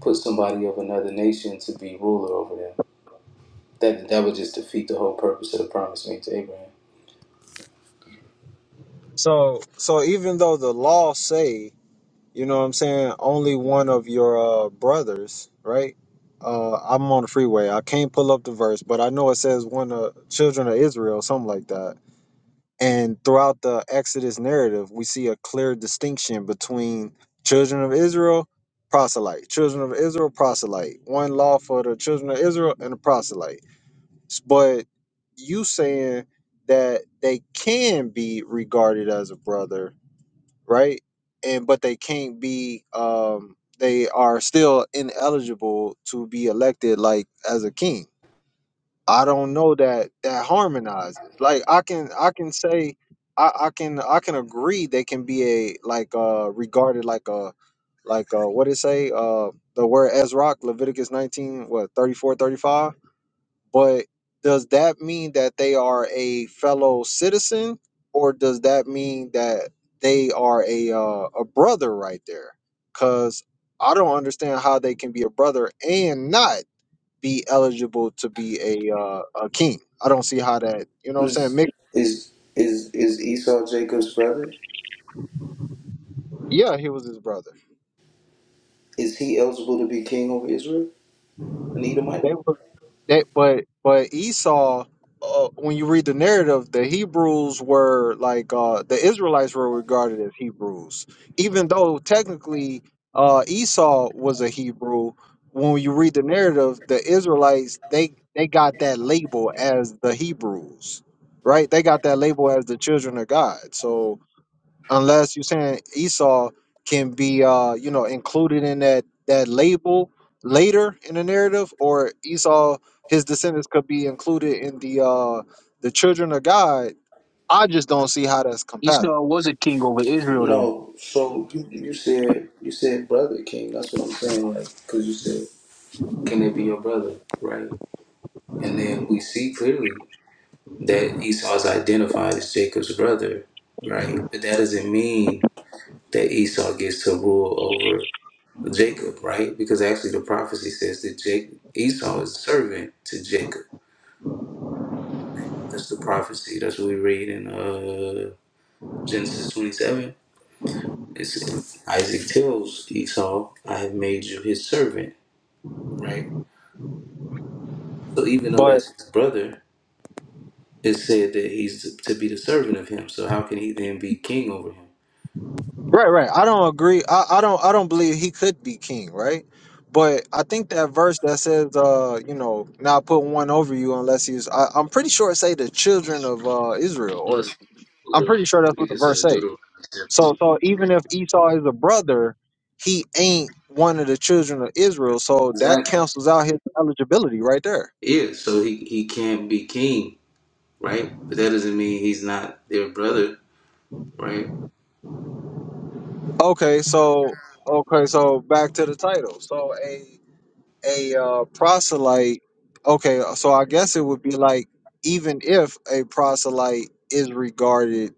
Speaker 6: put somebody of another nation to be ruler over them. That that would just defeat the whole purpose of the promise made to Abraham.
Speaker 1: So so even though the law say, you know what I'm saying, only one of your uh brothers, right? Uh, I'm on the freeway. I can't pull up the verse, but I know it says one of children of Israel, something like that And throughout the Exodus narrative, we see a clear distinction between children of Israel, proselyte, children of Israel, proselyte, one law for the children of Israel and the proselyte. S- But you saying that they can be regarded as a brother, right? And but they can't be um they are still ineligible to be elected like as a king I don't know that that harmonizes. Like I can I can say I, I can I can agree they can be a like uh regarded like a like uh what it say uh the word Ezrock Leviticus 19 what 34 35. but does that mean that they are a fellow citizen or does that mean that they are a uh, a brother right there cuz I don't understand how they can be a brother and not be eligible to be a uh, a king. I don't see how that you know what I'm saying.
Speaker 6: Is
Speaker 1: Mick,
Speaker 6: is is is Esau Jacob's brother?
Speaker 1: yeah, he was his brother.
Speaker 6: Is he eligible to be king over Israel? An Edomite?
Speaker 1: They, were- they, but but Esau, uh, when you read the narrative, the Hebrews were like uh, the Israelites were regarded as Hebrews, even though technically uh, Esau was a Hebrew. When you read the narrative, the Israelites they they got that label as the Hebrews, right? They got that label as the children of God. So unless you're saying Esau can be uh you know included in that that label later in the narrative or Esau his descendants could be included in the uh the children of God I just don't see how that's
Speaker 5: Esau
Speaker 1: compatible
Speaker 5: was a king over Israel, though.
Speaker 6: No, so you, you said you said brother king. That's what I'm saying, like, because you said, can it be your brother, right? And then we see clearly that Esau is identified as Jacob's brother, right? But that doesn't mean that Esau gets to rule over Jacob, right? Because actually, the prophecy says that Jacob, Esau is servant to Jacob. Right? That's the prophecy. That's what we read in uh, Genesis 27. It's, Isaac tells Esau, "I have made you his servant." right? So even though
Speaker 1: but
Speaker 6: that's his brother, it said that he's to be the servant of him. So how can he then be king over him?
Speaker 1: right right I don't agree I, I don't I don't believe he could be king right but I think that verse that says uh you know now put one over you unless he's I, I'm pretty sure it say the children of uh Israel or
Speaker 6: Let's pull
Speaker 1: I'm
Speaker 6: it up.
Speaker 1: pretty sure
Speaker 6: I
Speaker 1: that's what
Speaker 6: think
Speaker 1: the
Speaker 6: it's
Speaker 1: verse
Speaker 6: a
Speaker 1: say
Speaker 6: Deuteronomy 17.
Speaker 1: So so even if Esau is a brother, he ain't one of the children of Israel. So that
Speaker 6: Exactly.
Speaker 1: cancels out his eligibility right there.
Speaker 6: Yeah, so he, he can't be king, right? But that doesn't mean he's not their brother, right?
Speaker 1: Okay, so okay, so back to the title. So a a uh, proselyte. Okay, so I guess it would be like even if a proselyte is regarded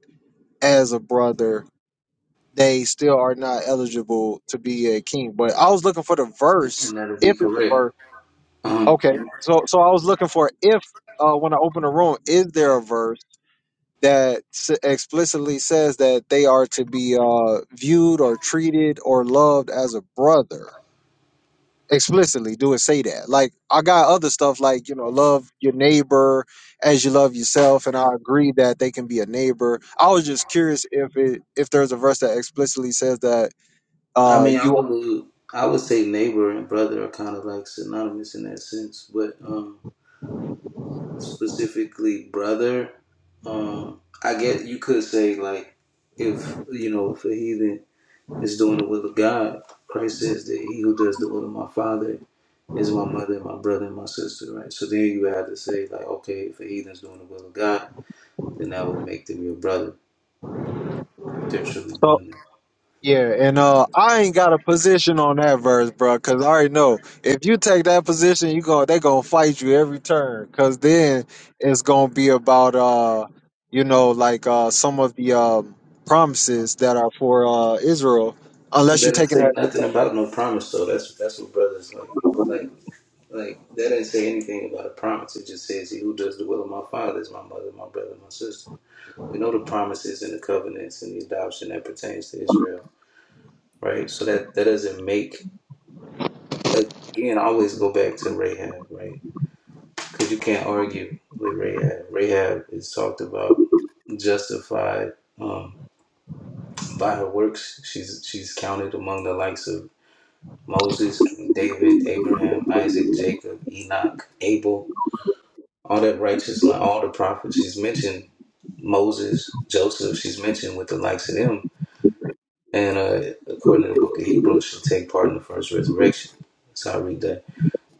Speaker 1: as a brother, they still are not eligible to be a king. But I was looking for the verse.
Speaker 6: And that'll
Speaker 1: If
Speaker 6: be
Speaker 1: it's a
Speaker 6: correct.
Speaker 1: verse.
Speaker 6: Uh-huh.
Speaker 1: Okay, so so I was looking for if uh, when I open a room, is there a verse that s- explicitly says that they are to be uh, viewed or treated or loved as a brother? Explicitly, do it say that? Like I got other stuff like you know, love your neighbor as you love yourself, and I agree that they can be a neighbor. I was just curious if it if there's a verse that explicitly says that
Speaker 6: I
Speaker 1: uh,
Speaker 6: mean, I
Speaker 1: you.
Speaker 6: would I would say neighbor and brother are kind of like synonymous in that sense, but um, specifically brother. Um, I guess you could say like if you know if a heathen is doing the will of God, Christ says that he who does the will of my Father is my mother, and my brother, and my sister, right? So then you have to say like, okay, if a heathen's doing the will of God, then that will make them your brother, right? If they're truly doing it.
Speaker 1: Yeah, and uh, I ain't got a position on that verse, bro, because I already know if you take that position, you go they gonna fight you every turn, because then it's gonna be about uh, you know, like uh, some of the um, promises that are for uh Israel, unless
Speaker 6: That
Speaker 1: you're
Speaker 6: didn't
Speaker 1: taking
Speaker 6: say
Speaker 1: that.
Speaker 6: nothing about no promise though. That's that's what brothers like like like that didn't say anything about a promise. It just says he who does the will of my father is my mother, my brother, and my sister. We know the promises and the covenants and the adoption that pertains to Israel, right? So that that doesn't make again. I always go back to Rahab, right? Because you can't argue with Rahab. Rahab is talked about justified um, by her works. She's she's counted among the likes of Moses, King David, Abraham, Isaac, Jacob, Enoch, Abel, all that righteous line, all the prophets. She's mentioned Moses, Joseph. She's mentioned with the likes of them And uh, according to the book of Hebrews, she'll take part in the first resurrection. So I read that.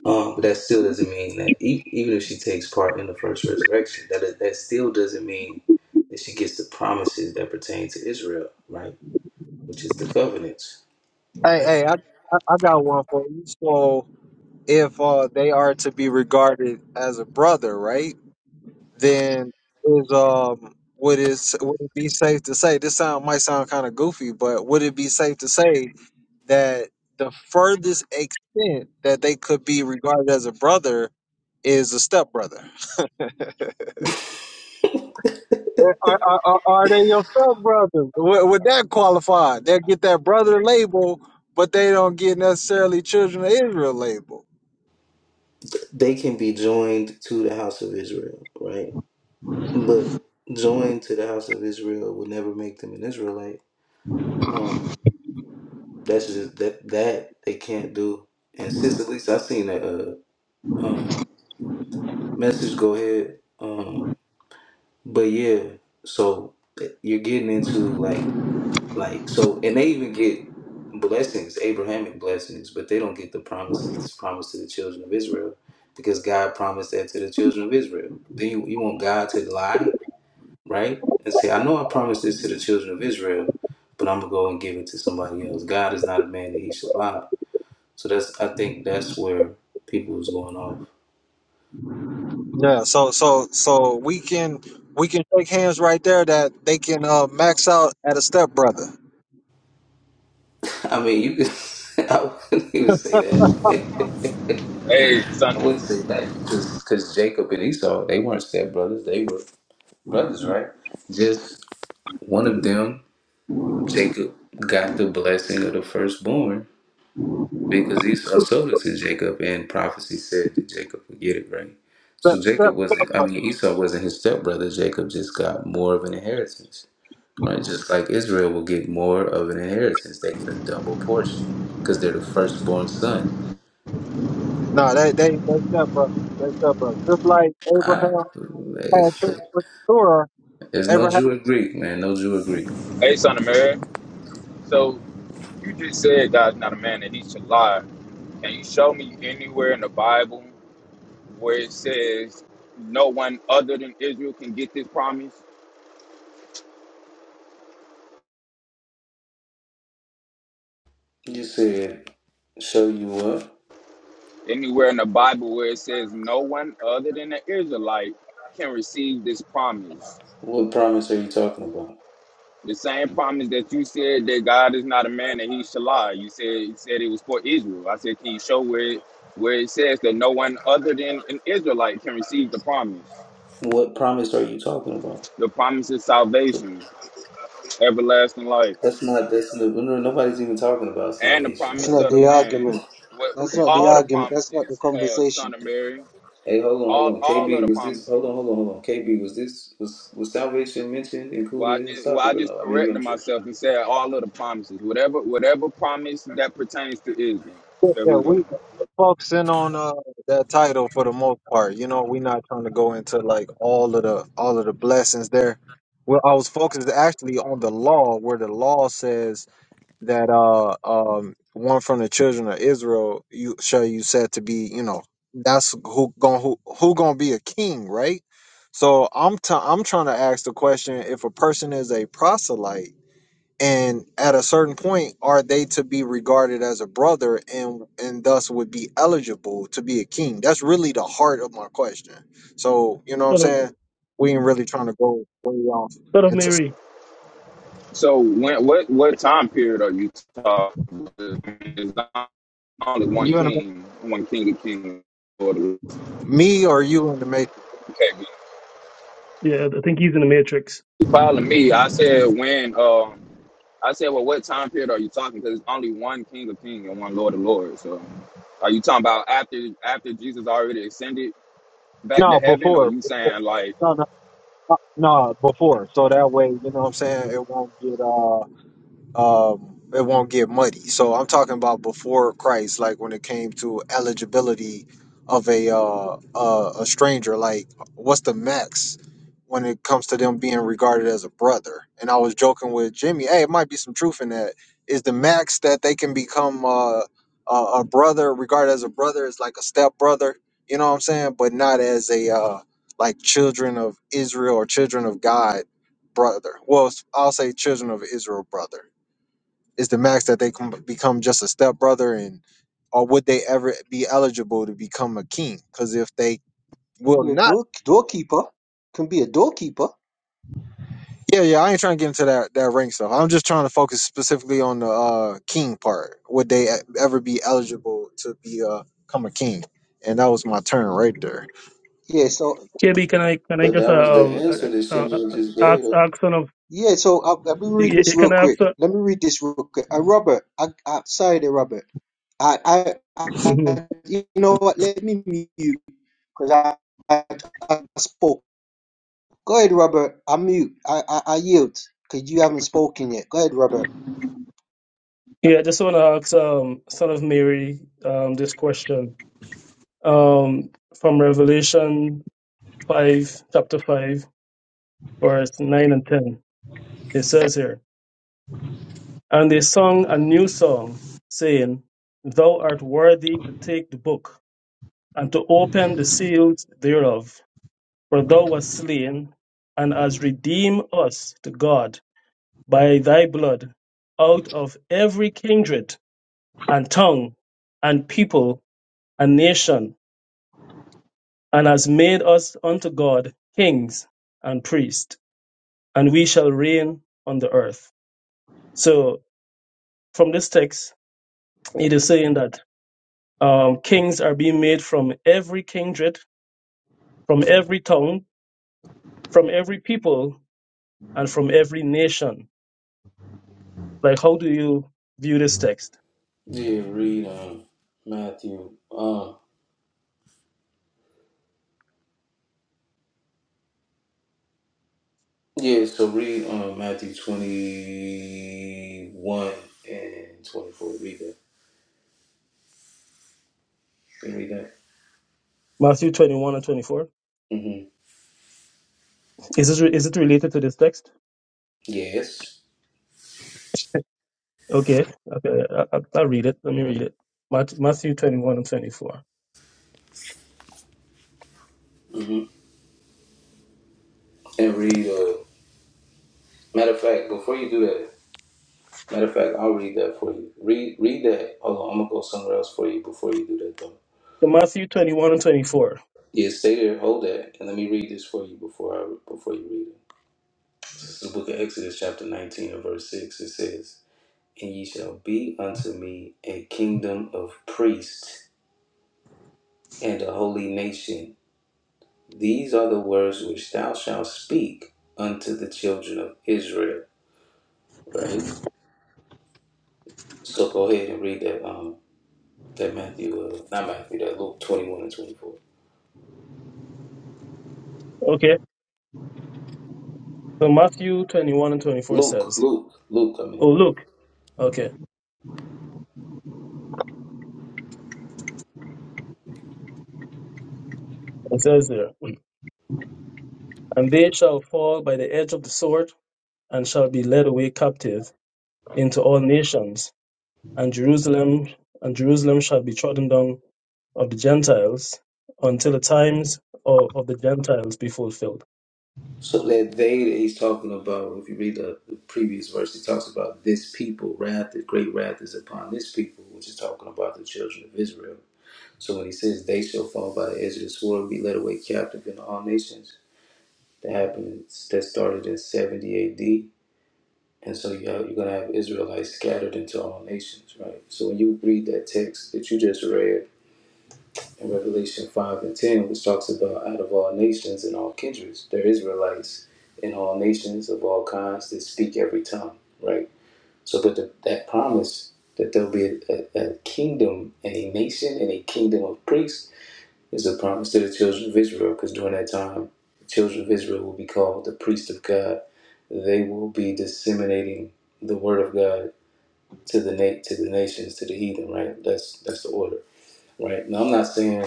Speaker 6: Um, but that still doesn't mean that e- even if she takes part in the first resurrection, that is- that still doesn't mean that she gets the promises that pertain to Israel, right? Which is the covenants,
Speaker 1: Hey,
Speaker 6: right?
Speaker 1: hey, I I I got one for you. So if uh they are to be regarded as a brother, right? then is um would it s- would it be safe to say this sound might sound kind of goofy, but would it be safe to say that the furthest extent that they could be regarded as a brother is a stepbrother? Are, are, are are they your stepbrother? Would, would that qualify? They get that brother label, but they don't get necessarily children of Israel label.
Speaker 6: They can be joined to the house of Israel, right? But joined to the house of Israel would never make them an Israelite. Um, that's just that that they can't do. And Sister Lisa, I seen that. Uh, um, message, go ahead. Um, but yeah, so eh, you're getting into like like so, and they even get blessings, Abrahamic blessings, but they don't get the promises. This promise to the children of Israel, because God promised that to the children of Israel. Then you, you want God to lie, right? And say, I know I promised this to the children of Israel, but I'm gonna go and give it to somebody else. God is not a man that he should lie. So that's I think that's where people was going off.
Speaker 1: Yeah, so so so we can we can shake hands right there that they can uh, max out at a stepbrother.
Speaker 6: I mean, you could. I wouldn't even say that.
Speaker 7: Hey, son.
Speaker 6: I wouldn't say that because because Jacob and Esau they weren't stepbrothers. They were brothers, right? Just one of them, Jacob, got the blessing of the firstborn because Esau sold it to Jacob, and prophecy said that Jacob would get it right.
Speaker 1: Step,
Speaker 6: So
Speaker 1: step,
Speaker 6: Jacob wasn't. I mean, Esau wasn't his stepbrother. Jacob just got more of an inheritance, right? Just like Israel will get more of an inheritance. They get a double portion because they're the firstborn son
Speaker 1: No, they they they step brothers. They step brothers. Just like
Speaker 6: I,
Speaker 1: Abraham had
Speaker 6: it's,
Speaker 1: children with the Torah,
Speaker 6: it's no
Speaker 1: Abraham
Speaker 6: Jew or Greek, man. No Jew or Greek.
Speaker 7: Hey, son of Mary. So you just said God's not a man that he should lie. Can you show me anywhere in the Bible where it says no one other than Israel can get this promise?
Speaker 6: You said, show you what?
Speaker 7: Anywhere in the Bible where it says no one other than the Israelite can receive this promise?
Speaker 6: What promise are you talking about?
Speaker 7: The same promise that you said that God is not a man that he should lie. You said you said it was for Israel. I said, can you show where it, where it says that no one other than an Israelite can receive the promise?
Speaker 6: What promise are you talking about?
Speaker 7: the promise of salvation, everlasting life,
Speaker 6: That's not, that's no, no- nobody's even talking about
Speaker 7: and the
Speaker 6: salvation,
Speaker 2: That's
Speaker 7: promise
Speaker 2: not
Speaker 6: brother.
Speaker 7: of the
Speaker 2: the
Speaker 7: land.
Speaker 2: argument.
Speaker 7: What
Speaker 2: That's not the
Speaker 7: all the
Speaker 2: argument. That's not the
Speaker 7: promises, uh,
Speaker 2: conversation.
Speaker 7: son of Mary,
Speaker 6: Hey, hold on,
Speaker 7: all
Speaker 6: hold on.
Speaker 7: all of the
Speaker 6: KB, was this, hold
Speaker 7: promises.
Speaker 6: on, hold on, hold on. KB, was this, was, was salvation mentioned,
Speaker 7: Well, I
Speaker 6: included in this
Speaker 7: just well,
Speaker 6: topic
Speaker 7: I
Speaker 6: or
Speaker 7: just
Speaker 6: no? Maybe
Speaker 7: corrected
Speaker 6: I'm tripping.
Speaker 7: myself and said all of the promises. Whatever whatever promise that pertains to Israel.
Speaker 1: did
Speaker 7: There
Speaker 1: that.
Speaker 7: we go.
Speaker 1: We focusing on uh that title for the most part. You know, we're not trying to go into like all of the all of the blessings there. Well, I was focused actually on the law, where the law says that uh um one from the children of Israel you shall you said to be you know that's who going who, who gonna be a king right so I'm t- I'm trying to ask the question if a person is a proselyte and at a certain point are they to be regarded as a brother and and thus would be eligible to be a king that's really the heart of my question so you know what I'm
Speaker 8: Son of,
Speaker 1: saying we ain't really trying to go way off
Speaker 8: son of
Speaker 1: into
Speaker 8: Mary.
Speaker 7: So when what what time period are you talking? About? There's only one
Speaker 1: you and the,
Speaker 7: king, one king of kings. Lord of lords.
Speaker 1: me or you in the matrix
Speaker 7: Okay,
Speaker 8: Yeah, I think he's in the Matrix.
Speaker 7: You following me? I said when. Um, I said, well, what time period are you talking? Because it's only one King of King and one Lord of Lords. So, are you talking about after after Jesus already ascended back to
Speaker 1: No,
Speaker 7: heaven, or
Speaker 1: before.
Speaker 7: you
Speaker 1: before.
Speaker 7: saying like?
Speaker 1: No, no, no, before. So that way, you know what I'm saying? It won't get uh um, it won't get muddy. So I'm talking about before Christ, like when it came to eligibility of a uh, uh, a stranger. Like, what's the max when it comes to them being regarded as a brother? And I was joking with Jimmy. Hey, it might be some truth in that. Is the max that they can become uh, a, a brother regarded as a brother is like a step brother? You know what I'm saying? But not as a uh, like children of Israel or children of God brother. Well, I'll say children of Israel brother is the max that they can become just a stepbrother and or would they ever be eligible to become a king because if they
Speaker 2: Can
Speaker 1: will
Speaker 2: be a
Speaker 1: not
Speaker 2: door doorkeeper. Can be a doorkeeper.
Speaker 1: yeah yeah i ain't trying to get into that that rank stuff i'm just trying to focus specifically on the uh king part would they e- ever be eligible to be uh become a king and that was my turn right there
Speaker 2: Yeah. So
Speaker 8: KB, can I can I
Speaker 6: But
Speaker 8: just
Speaker 6: that was
Speaker 8: uh,
Speaker 6: the
Speaker 8: um
Speaker 6: answer that
Speaker 8: uh, uh,
Speaker 6: Shimon
Speaker 8: uh,
Speaker 6: just gave.
Speaker 8: ask ask son of
Speaker 2: yeah. So I, let me read
Speaker 8: y- y-
Speaker 2: this real
Speaker 8: can I ask
Speaker 2: quick.
Speaker 8: son?
Speaker 2: Let me read this real quick. Uh, Robert, I, I sorry there, Robert. I, I,
Speaker 8: hmm
Speaker 2: I, you know what? Let me mute you because I, I, I spoke. Go ahead, Robert. I mute. I, I, I yield because you haven't spoken yet. Go ahead, Robert.
Speaker 8: Yeah, I just want to ask um son of Mary um this question um from Revelation five chapter five verse nine and ten. It says here, and they sung a new song, saying, "Thou art worthy to take the book and to open the seals thereof." For thou wast slain, and hast redeemed us to God by thy blood out of every kindred and tongue and people and nation, and hast made us unto God kings and priests, and we shall reign on the earth. So, from this text, it is saying that um, kings are being made from every kindred, from every tongue, from every people, and from every nation. Like, how do you view this text?
Speaker 6: Yeah, read um, Matthew. um, Yeah, so read um, Matthew 21 and 24. Read that. Can you read that?
Speaker 8: Matthew 21 and 24.
Speaker 6: Mm-hmm.
Speaker 8: Is this re- is it related to this text?
Speaker 6: Yes.
Speaker 8: Okay, okay, I, I, I'll read it. Let me read it. Mat- Matthew 21 and 24.
Speaker 6: Mm-hmm. And read, uh, matter of fact, before you do that, matter of fact, I'll read that for you. Read read that. Hold on, I'm going to go somewhere else for you before you do that, though.
Speaker 8: So Matthew 21 and 24.
Speaker 6: Yeah, stay there, hold that, and let me read this for you before I before you read it. This is the book of Exodus, chapter 19, and verse 6. It says, And ye shall be unto me a kingdom of priests and a holy nation These are the words which thou shalt speak unto the children of Israel. Right. So go ahead and read that. Um, that Matthew, uh, not Matthew, that Luke twenty-one and twenty-four.
Speaker 8: Okay, so Matthew 21 and 24
Speaker 6: Luke,
Speaker 8: says,
Speaker 6: Luke, Luke. I mean,
Speaker 8: Oh, look, okay, it says there, and they shall fall by the edge of the sword and shall be led away captive into all nations, and Jerusalem and Jerusalem shall be trodden down of the Gentiles until the times of, of the Gentiles be fulfilled.
Speaker 6: so that they that he's talking about. If you read the, the previous verse, he talks about this people. Wrath, the great wrath is upon this people, which is talking about the children of Israel. So when he says they shall fall by the edge of the sword, and be led away captive in all nations, that happened That started in seventy A.D And so you have, you're going to have Israelites scattered into all nations, right? So when you read that text that you just read in Revelation 5 and 10, which talks about out of all nations and all kindreds, there are Israelites in all nations of all kinds that speak every tongue, right? So, but the, that promise that there'll be a, a, a kingdom and a nation and a kingdom of priests is a promise to the children of Israel, because during that time, the children of Israel will be called the priests of God. They will be disseminating the word of God to the na- to the nations, to the heathen, right? That's that's the order, right? Now I'm not saying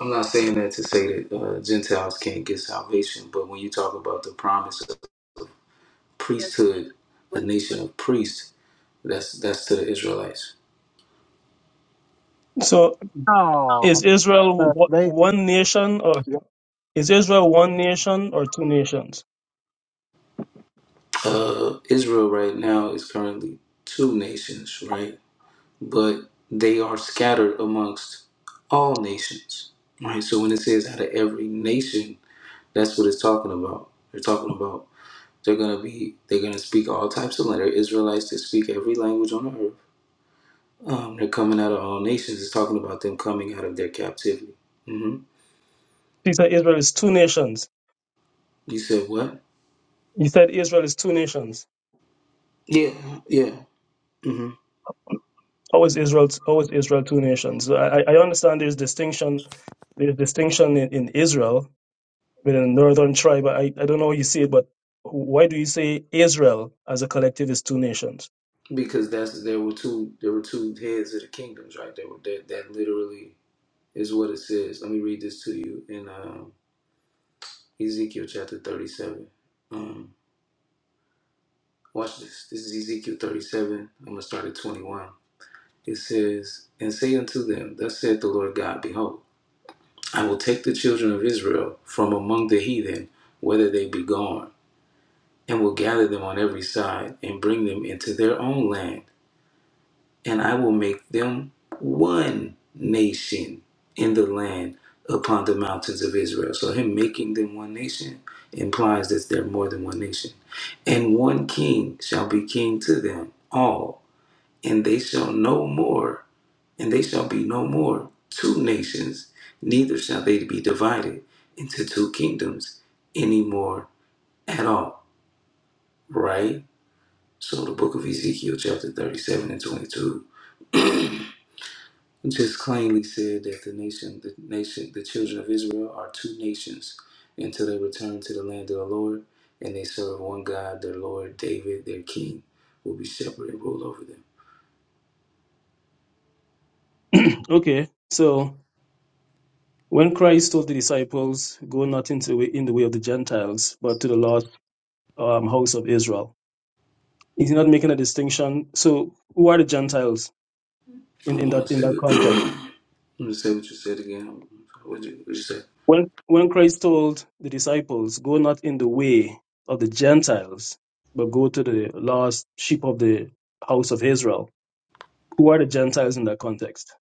Speaker 6: I'm not saying that to say that uh, Gentiles can't get salvation, but when you talk about the promise of priesthood, a nation of priests, that's that's to the Israelites.
Speaker 8: So
Speaker 1: Oh,
Speaker 8: Is Israel wh-
Speaker 1: they,
Speaker 8: one nation or is Israel one nation or two nations?
Speaker 6: Uh, Israel right now is currently two nations, right? But they are scattered amongst all nations, right? So when it says out of every nation, that's what it's talking about. They're talking about They're gonna be they're gonna speak all types of language. They're Israelites that speak every language on the earth. Um, they're coming out of all nations. It's talking about them coming out of their captivity. hmm
Speaker 8: He said Israel is two nations.
Speaker 6: You said what?
Speaker 8: He said Israel is two nations.
Speaker 6: Yeah, yeah. hmm
Speaker 8: How is Israel? How is Israel two nations? So I, I I understand there's distinction. There's distinction in, in Israel within the northern tribe. I, I don't know how you see it, but why do you say Israel as a collective is two nations?
Speaker 6: Because that's there were two there were two heads of the kingdoms, right? There were that that literally is what it says. Let me read this to you in um, Ezekiel chapter thirty-seven. Um, watch this. This is Ezekiel thirty-seven. I'm gonna start at twenty-one. It says, "And say unto them, Thus saith the Lord God, Behold." I will take the children of Israel from among the heathen, whether they be gone, and will gather them on every side, and bring them into their own land. And I will make them one nation in the land upon the mountains of Israel. So, him making them one nation implies that they're more than one nation. And one king shall be king to them all, and they shall no more and they shall be no more two nations, neither shall they be divided into two kingdoms any more at all. Right? So the book of Ezekiel, chapter 37 and 22, just plainly said that the nation, the nation, the children of Israel are two nations until they return to the land of the Lord and they serve one God, their Lord, David, their king, will be shepherd and rule over them.
Speaker 8: okay, so when Christ told the disciples, "Go not into the way- in the way of the Gentiles, but to the lost um, house of Israel," He's not making a distinction. So who are the Gentiles
Speaker 6: I
Speaker 8: in,
Speaker 6: don't
Speaker 8: in
Speaker 6: want to
Speaker 8: that in
Speaker 6: say
Speaker 8: that
Speaker 6: what,
Speaker 8: context?
Speaker 6: I'm gonna say what you said again. What you, what you say?
Speaker 8: When when Christ told the disciples, Go not in the way of the Gentiles, but go to the lost sheep of the house of Israel. Who are the Gentiles in that context?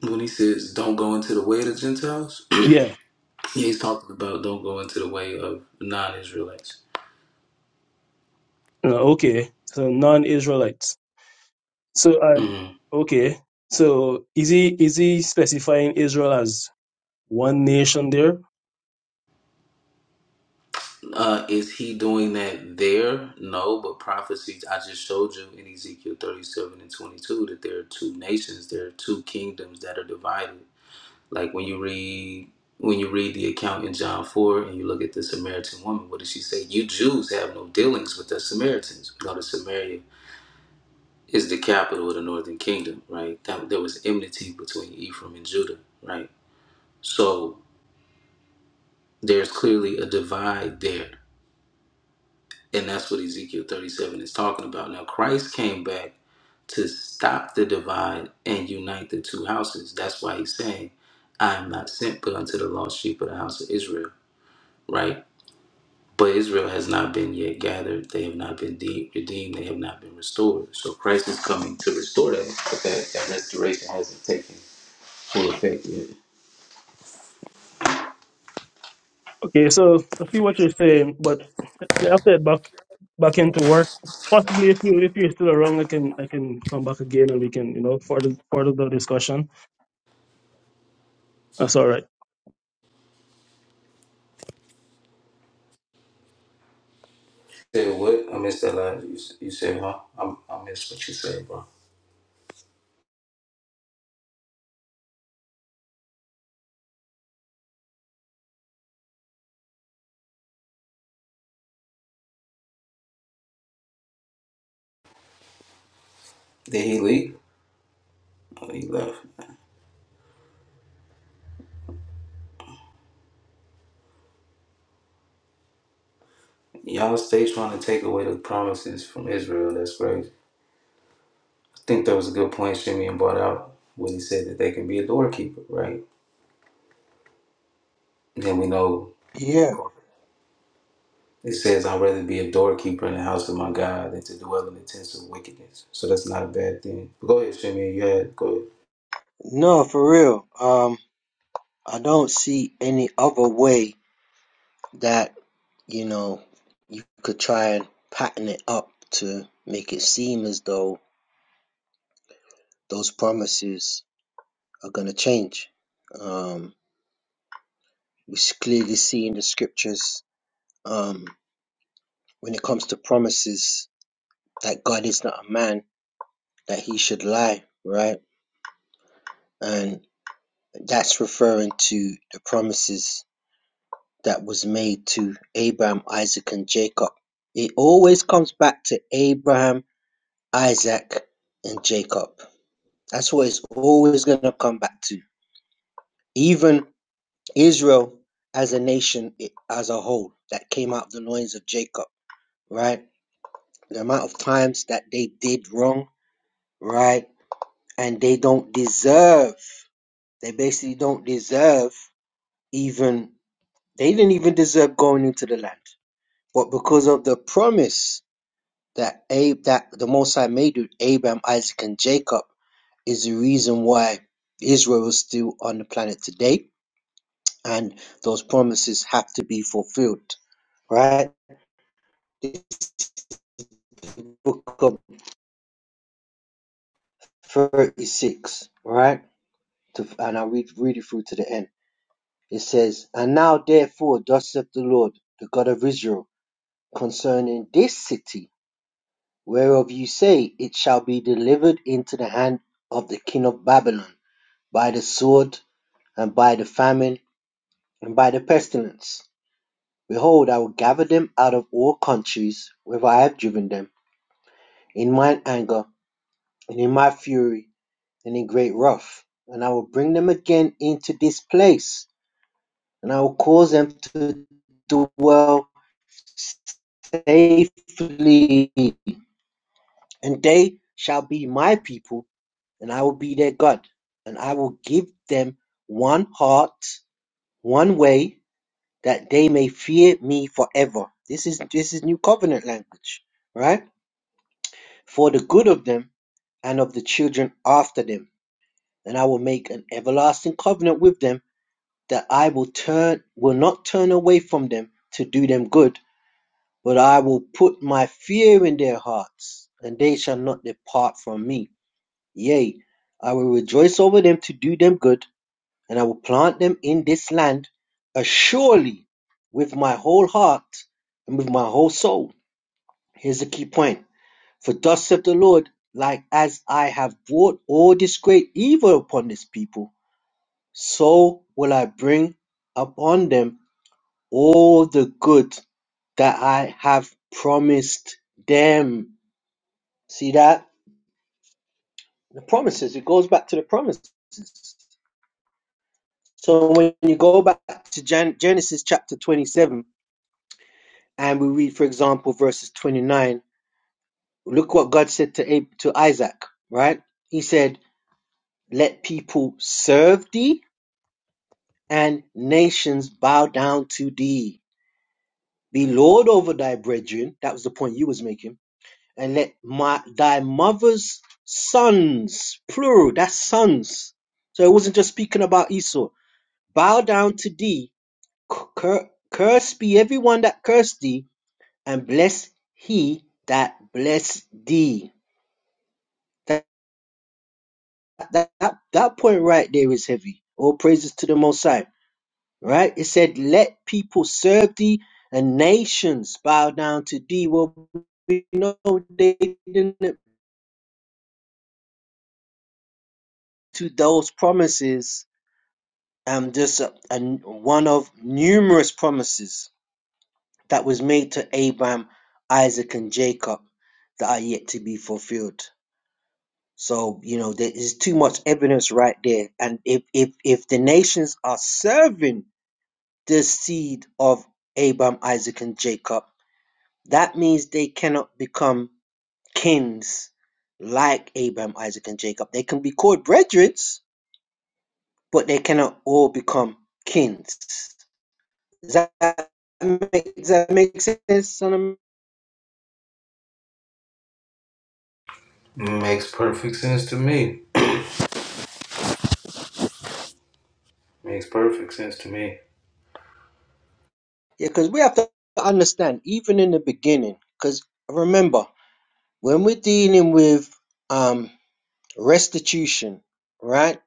Speaker 6: when he says don't go into the way of the Gentiles, yeah,
Speaker 8: Yeah.
Speaker 6: he's talking about don't go into the way of non-Israelites.
Speaker 8: Uh, Okay. So non Israelites. So uh,
Speaker 6: Mhm.
Speaker 8: okay. So is he is he specifying Israel as one nation there?
Speaker 6: Uh, is he doing that there? No, but prophecy. I just showed you in Ezekiel thirty-seven and twenty-two that there are two nations, there are two kingdoms that are divided. Like when you read when you read the account in John four and you look at the Samaritan woman, what does she say? You Jews have no dealings with the Samaritans. We go to Samaria is the capital of the northern kingdom, right? That there was enmity between Ephraim and Judah, right? So there's clearly a divide there. And that's what Ezekiel 37 is talking about. Now Christ came back to stop the divide and unite the two houses. That's why he's saying, I am not sent but unto the lost sheep of the house of Israel, right? But Israel has not been yet gathered. They have not been de- redeemed. They have not been restored. So Christ is coming to restore that, but that, that restoration hasn't taken full effect yet.
Speaker 8: Okay, so I see what you're saying, but Yeah, I'll back back into work. Possibly if you if you're still around I can I can come back again and we can, you know, further further the discussion. That's all right.
Speaker 6: Said what? I missed that last. You, s- you said, huh? I, I missed what you said, bro. Did he leave? Oh, he left. Y'all stay trying to take away the promises from Israel. That's crazy. I think that was a good point Simeon brought out when he said that they can be a doorkeeper, right? And then we know
Speaker 2: Yeah.
Speaker 6: it says, I'd rather be a doorkeeper in the house of my God than to dwell in the tents of wickedness. So that's not a bad thing. But go ahead, Simeon. You had, go
Speaker 2: No, for real. Um, I don't see any other way that you know you could try and pattern it up to make it seem as though those promises are going to change um we clearly see in the scriptures um when it comes to promises that god is not a man that he should lie right and that's referring to the promises that was made to abraham isaac and jacob it always comes back to abraham isaac and jacob That's what it's always going to come back to. Even Israel as a nation, it, as a whole, that came out of the loins of Jacob, right? The amount of times that they did wrong, right? And they don't deserve, they basically don't deserve even, they didn't even deserve going into the land. But because of the promise that Abe, that the Most High made with Abraham, Isaac, and Jacob, is the reason why Israel is still on the planet today and those promises have to be fulfilled, right? The book of 36, right? To, and I'll read, read it through to the end. It says, And now therefore, thus saith the Lord, the God of Israel, concerning this city, whereof you say, It shall be delivered into the hand of the king of Babylon, by the sword, and by the famine, and by the pestilence. Behold, I will gather them out of all countries, whither I have driven them, in mine anger and in my fury, and in great wrath. And I will bring them again into this place, and I will cause them to dwell safely. And they shall be my people, and I will be their God. And I will give them one heart, one way, that they may fear me forever. This is this is new covenant language, right? For the good of them and of the children after them. And I will make an everlasting covenant with them that I will turn will not turn away from them to do them good, but I will put my fear in their hearts, and they shall not depart from me. Yea, I will rejoice over them to do them good, and I will plant them in this land assuredly with my whole heart and with my whole soul. Here's the key point. For thus saith the Lord, like as I have brought all this great evil upon this people, so will I bring upon them all the good that I have promised them. See that? The promises. It goes back to the promises. So when you go back to Gen- Genesis chapter 27 and we read, for example, verses 29, look what God said to, Ab- to Isaac, right? He said, Let people serve thee and nations bow down to thee. Be Lord over thy brethren. That was the point you was making and let my thy mother's sons, plural, that's sons. So it wasn't just speaking about Esau. Bow down to thee, cur- curse be everyone that cursed thee, and bless he that bless thee. That, that, that, that point right there is heavy. All praises to the Most High. Right? It said, let people serve thee, and nations bow down to thee. Well, we know they didn't to those promises um, just a a, one of numerous promises that was made to Abraham, Isaac, and Jacob that are yet to be fulfilled. So you know there is too much evidence right there, and if if if the nations are serving the seed of Abraham, Isaac, and Jacob, that means they cannot become kings like Abraham, Isaac, and Jacob. They can be called brethren, but they cannot all become kings. Does that make, does that make sense? son of-
Speaker 6: ahead. Makes perfect sense to me. Makes perfect sense to me.
Speaker 2: Yeah, because we have to understand, even in the beginning, because remember, when we're dealing with um, restitution, right?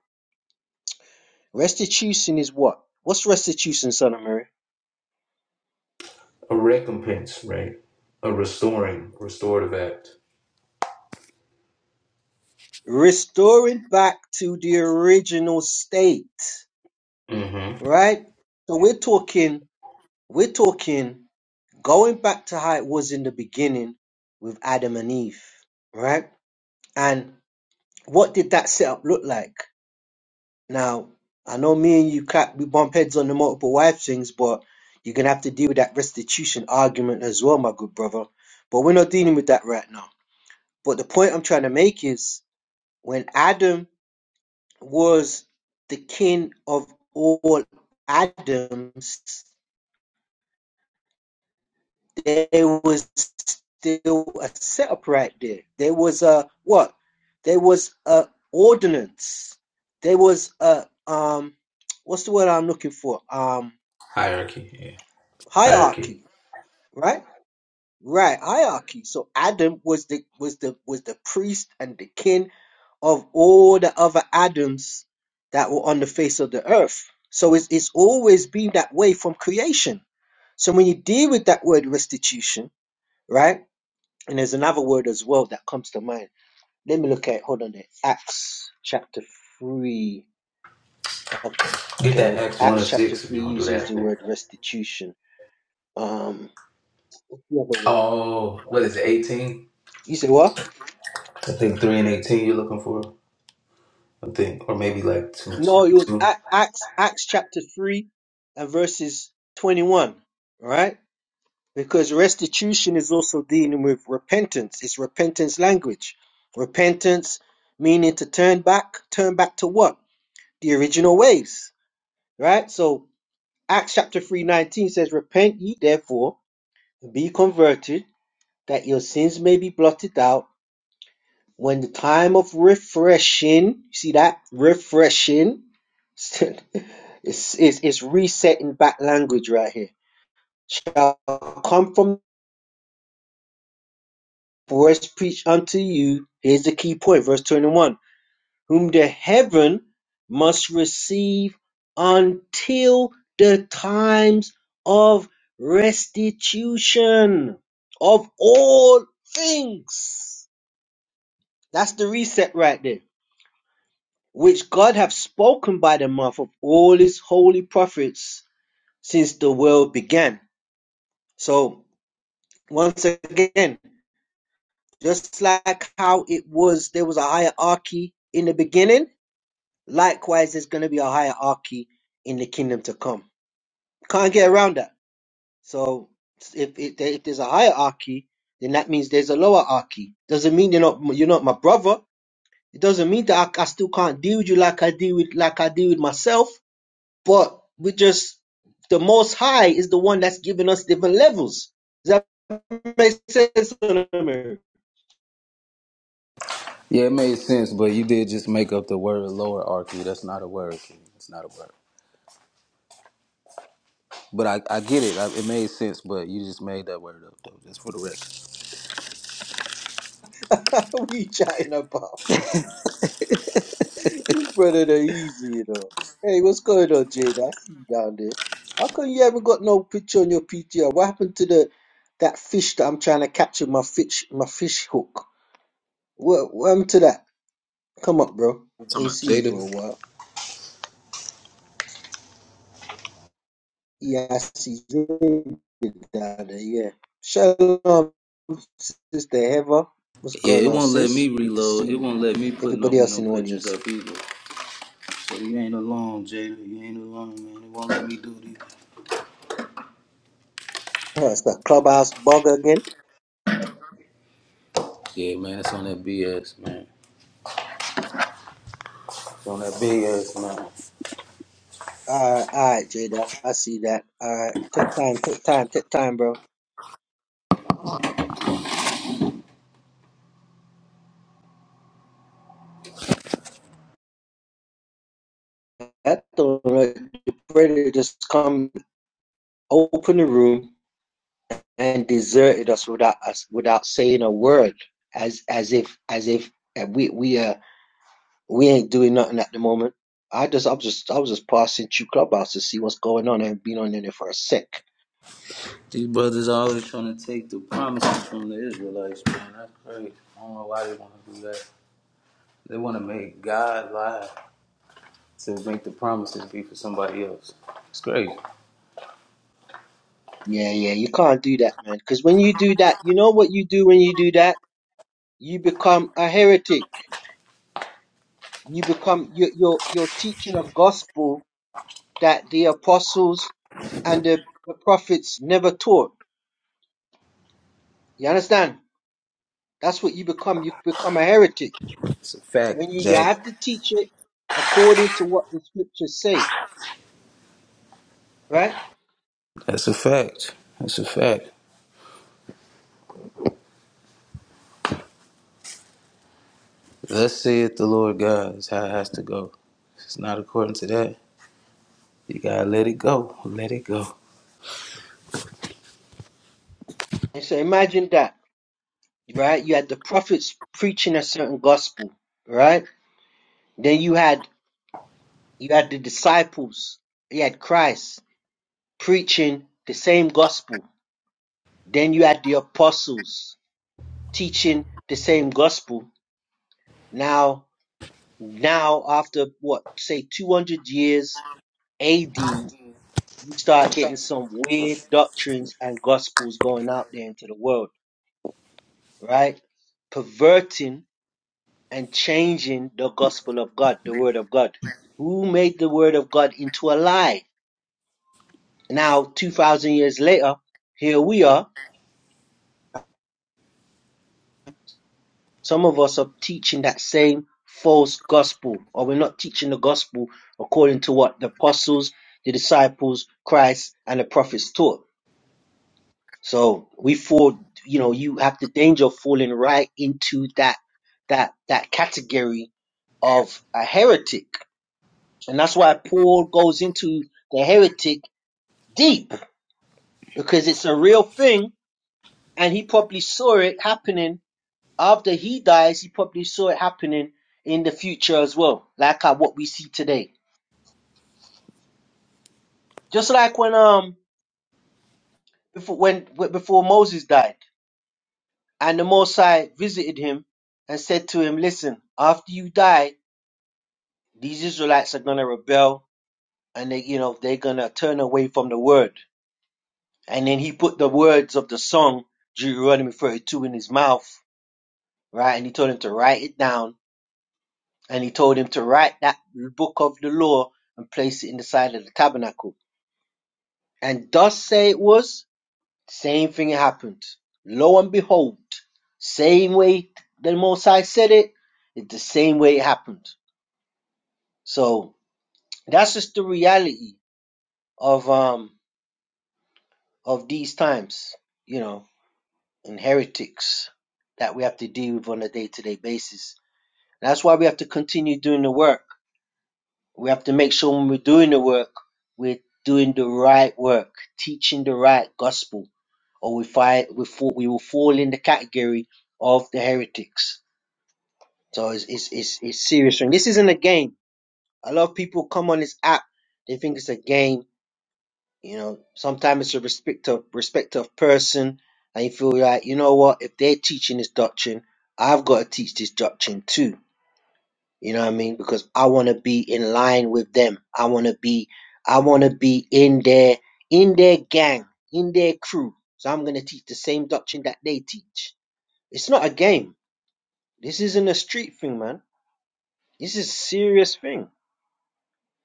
Speaker 2: Restitution is what? What's restitution, son of Mary?
Speaker 6: A recompense, right? A restoring, restorative act.
Speaker 2: Restoring back to the original state,
Speaker 6: Mm-hmm.
Speaker 2: right? So we're talking, we're talking going back to how it was in the beginning with Adam and Eve, right? And what did that setup look like? Now, I know me and you clap, we bump heads on the multiple wife things, but you're gonna have to deal with that restitution argument as well, my good brother. But we're not dealing with that right now. But the point I'm trying to make is when Adam was the king of all Adams, there was still a setup right there. There was a what? There was a ordinance. There was a um, what's the word I'm looking for? Um,
Speaker 6: Hierarchy, yeah. Hierarchy.
Speaker 2: hierarchy, right? Right, hierarchy. So Adam was the was the was the priest and the king of all the other Adams that were on the face of the earth. So it's it's always been that way from creation. So when you deal with that word restitution, right? And there's another word as well that comes to mind. Let me look at it. Hold on there. Acts chapter 3.
Speaker 6: Get
Speaker 2: Okay,
Speaker 6: that Acts 1 and
Speaker 2: Acts chapter
Speaker 6: 6 if
Speaker 2: 3
Speaker 6: you don't do
Speaker 2: uses
Speaker 6: that
Speaker 2: the
Speaker 6: thing.
Speaker 2: word restitution. Um, what's the other word?
Speaker 6: Oh, what is it, 18?
Speaker 2: You say what?
Speaker 6: I think 3 and 18 you're looking for. I think, or maybe like 2, 2.
Speaker 2: No, it was
Speaker 6: two.
Speaker 2: Ac- Acts, Acts chapter 3 and verses 21, All right, Because restitution is also dealing with repentance. It's repentance language. Repentance meaning to turn back, turn back to what? The original ways, right? So Acts chapter 3 19 says, Repent ye therefore and be converted, that your sins may be blotted out when the time of refreshing, you see that? Refreshing. It's, it's, it's resetting back language right here. Shall come from the voice preach unto you. Here's the key point, verse 21. whom the heaven must receive until the times of restitution of all things. That's the reset right there, which God have spoken by the mouth of all his holy prophets since the world began. So once again, just like how it was, there was a hierarchy in the beginning. Likewise, there's going to be a hierarchy in the kingdom to come. Can't get around that. So if if, if there's a hierarchy, then that means there's a lowerarchy. Doesn't mean you're not you're not my brother. It doesn't mean that I, I still can't deal with you like I deal with like I deal with myself. But we just the Most High is the one that's giving us different levels. Does that make sense?
Speaker 6: Yeah, it made sense, but you did just make up the word lower archy. That's not a word, King. It's not a word. But I, I get it. I, it made sense, but you just made that word up, though, just for the record.
Speaker 2: What are We chatting about. This brother the easy though. Hey, what's going on, Jada? I see you down there. How come you haven't got no picture on your PTR? What happened to the that fish that I'm trying to catch with my fish my fish hook? What, what happened to that? Come up, bro.
Speaker 6: You talking
Speaker 2: Ain't
Speaker 6: about
Speaker 2: seen you for a
Speaker 6: Jada?
Speaker 2: while. Yeah, I see you down there. Yeah. Shalom, sister Heather. What's
Speaker 6: Yeah,
Speaker 2: going
Speaker 6: it
Speaker 2: on,
Speaker 6: won't let me
Speaker 2: sis? Good to see
Speaker 6: reload. It
Speaker 2: you.
Speaker 6: won't let me put no,
Speaker 2: Everybody else
Speaker 6: no
Speaker 2: in the
Speaker 6: pictures
Speaker 2: audience.
Speaker 6: up either. So you ain't alone, Jalen. You ain't alone, man. They won't let me do this.
Speaker 2: Oh, it's that clubhouse bug again.
Speaker 6: Yeah, man, it's on that BS, man. It's on that BS, man.
Speaker 2: All right, all right, Jada. I see that. All right, take time, take time, take time, bro. That the the predator just come open the room and deserted us without us without saying a word, as as if as if uh, we we uh we ain't doing nothing at the moment. I just I was just I was just passing through clubhouse to see what's going on and been on in there for a sec.
Speaker 6: These brothers are always trying to take the promises from the Israelites, man. That's crazy. I don't know why they want to do that. They want to make God lie to make the promises be for somebody else. It's crazy.
Speaker 2: Yeah, yeah, you can't do that, man. Because when you do that, you know what you do when you do that? You become a heretic. You become you, you're you're teaching a gospel that the apostles and the, the prophets never taught. You understand? That's what you become. You become a heretic
Speaker 6: It's a
Speaker 2: when
Speaker 6: fact,
Speaker 2: you, you
Speaker 6: Jack.
Speaker 2: have to teach it according to what the scriptures say, right?
Speaker 6: That's a fact. That's a fact. Thus saith the Lord God is how it has to go. If it's not according to that, you gotta let it go. Let it go.
Speaker 2: And so imagine that, right? You had the prophets preaching a certain gospel, right? Then you had you had the disciples, you had Christ preaching the same gospel. Then you had the apostles, teaching the same gospel now now after what say 200 years AD you start getting some weird doctrines and gospels going out there into the world right perverting and changing the gospel of God the word of God who made the word of God into a lie now 2000 years later here we are Some of us are teaching that same false gospel, or we're not teaching the gospel according to what the apostles, the disciples, Christ, and the prophets taught. So we fall, you know, you have the danger of falling right into that that that category of a heretic. And that's why Paul goes into the heretic deep, because it's a real thing and he probably saw it happening After he dies, he probably saw it happening in the future as well, like how what we see today. Just like when um before when before Moses died, and the Mosai visited him and said to him, "Listen, after you die, these Israelites are gonna rebel, and they you know they're gonna turn away from the word." And then he put the words of the song Deuteronomy 32 in his mouth, right? And he told him to write it down, and he told him to write that book of the law and place it in the side of the tabernacle And thus say it was, same thing happened. Lo and behold, same way the Most High said it, it's the same way it happened. So that's just the reality of um of these times, you know, and heretics that we have to deal with on a day to day basis. That's why we have to continue doing the work We have to make sure when we're doing the work, we're doing the right work, teaching the right gospel, or we find we fall, we will fall in the category of the heretics. So it's it's it's, it's serious. And this isn't a game. A lot of people come on this app, they think it's a game. You know, sometimes it's a respect of respect of person, and you feel like you know what? If they're teaching this doctrine, I've got to teach this doctrine too you know what I mean? Because I want to be in line with them. I want to be, I want to be in their, in their gang, in their crew. So I'm gonna teach the same doctrine that they teach. It's not a game. This isn't a street thing, man. This is a serious thing.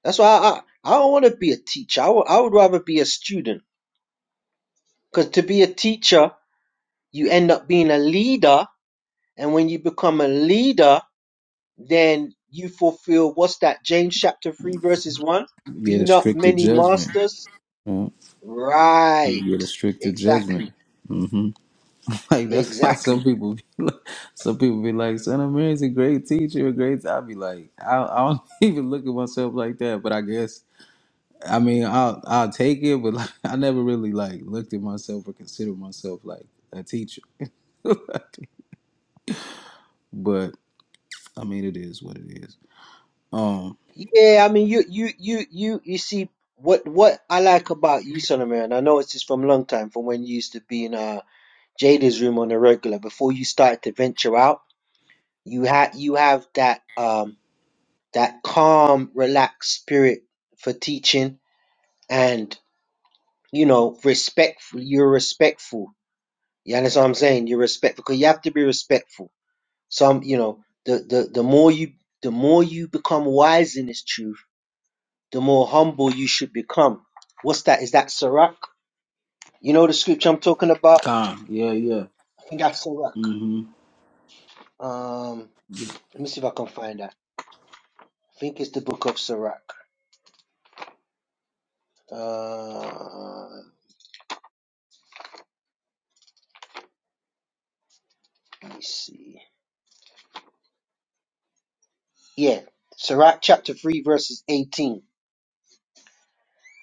Speaker 2: That's why I, I, I don't want to be a teacher. I would I would rather be a student. Because to be a teacher, you end up being a leader, and when you become a leader, then you fulfill what's that james chapter 3 verses 1
Speaker 6: Get
Speaker 2: be
Speaker 6: a
Speaker 2: not
Speaker 6: stricter
Speaker 2: many
Speaker 6: judgment.
Speaker 2: masters
Speaker 6: Yeah.
Speaker 2: right
Speaker 6: You get a stricter
Speaker 2: exactly
Speaker 6: judgment. hmm Like that's why some
Speaker 2: exactly
Speaker 6: people be like, some people be like, "Son of Mary's a great teacher, a great." I be like, I, I don't even look at myself like that. But I guess I mean I'll I'll take it, but like I never really like looked at myself or considered myself like a teacher. but I mean, it is what it is. Um,
Speaker 2: yeah i mean you you you you you see what what i like about you solomon and i know it's just from a long time from when you used to be in uh jada's room on a regular before you started to venture out you had you have that um that calm relaxed spirit for teaching and you know respectful you're respectful Yeah, that's what I'm saying. You're respectful because you have to be respectful. Some, you know, the, the the more you the more you become wise in this truth, the more humble you should become. What's that? Is that Sirach? You know the scripture I'm talking about?
Speaker 6: Con, yeah, yeah.
Speaker 2: I think that's Sirach.
Speaker 6: hmm
Speaker 2: Um, let me see if I can find that. I think it's the book of Sirach. Uh, let me see. Yeah, Sirach chapter three, verses 18.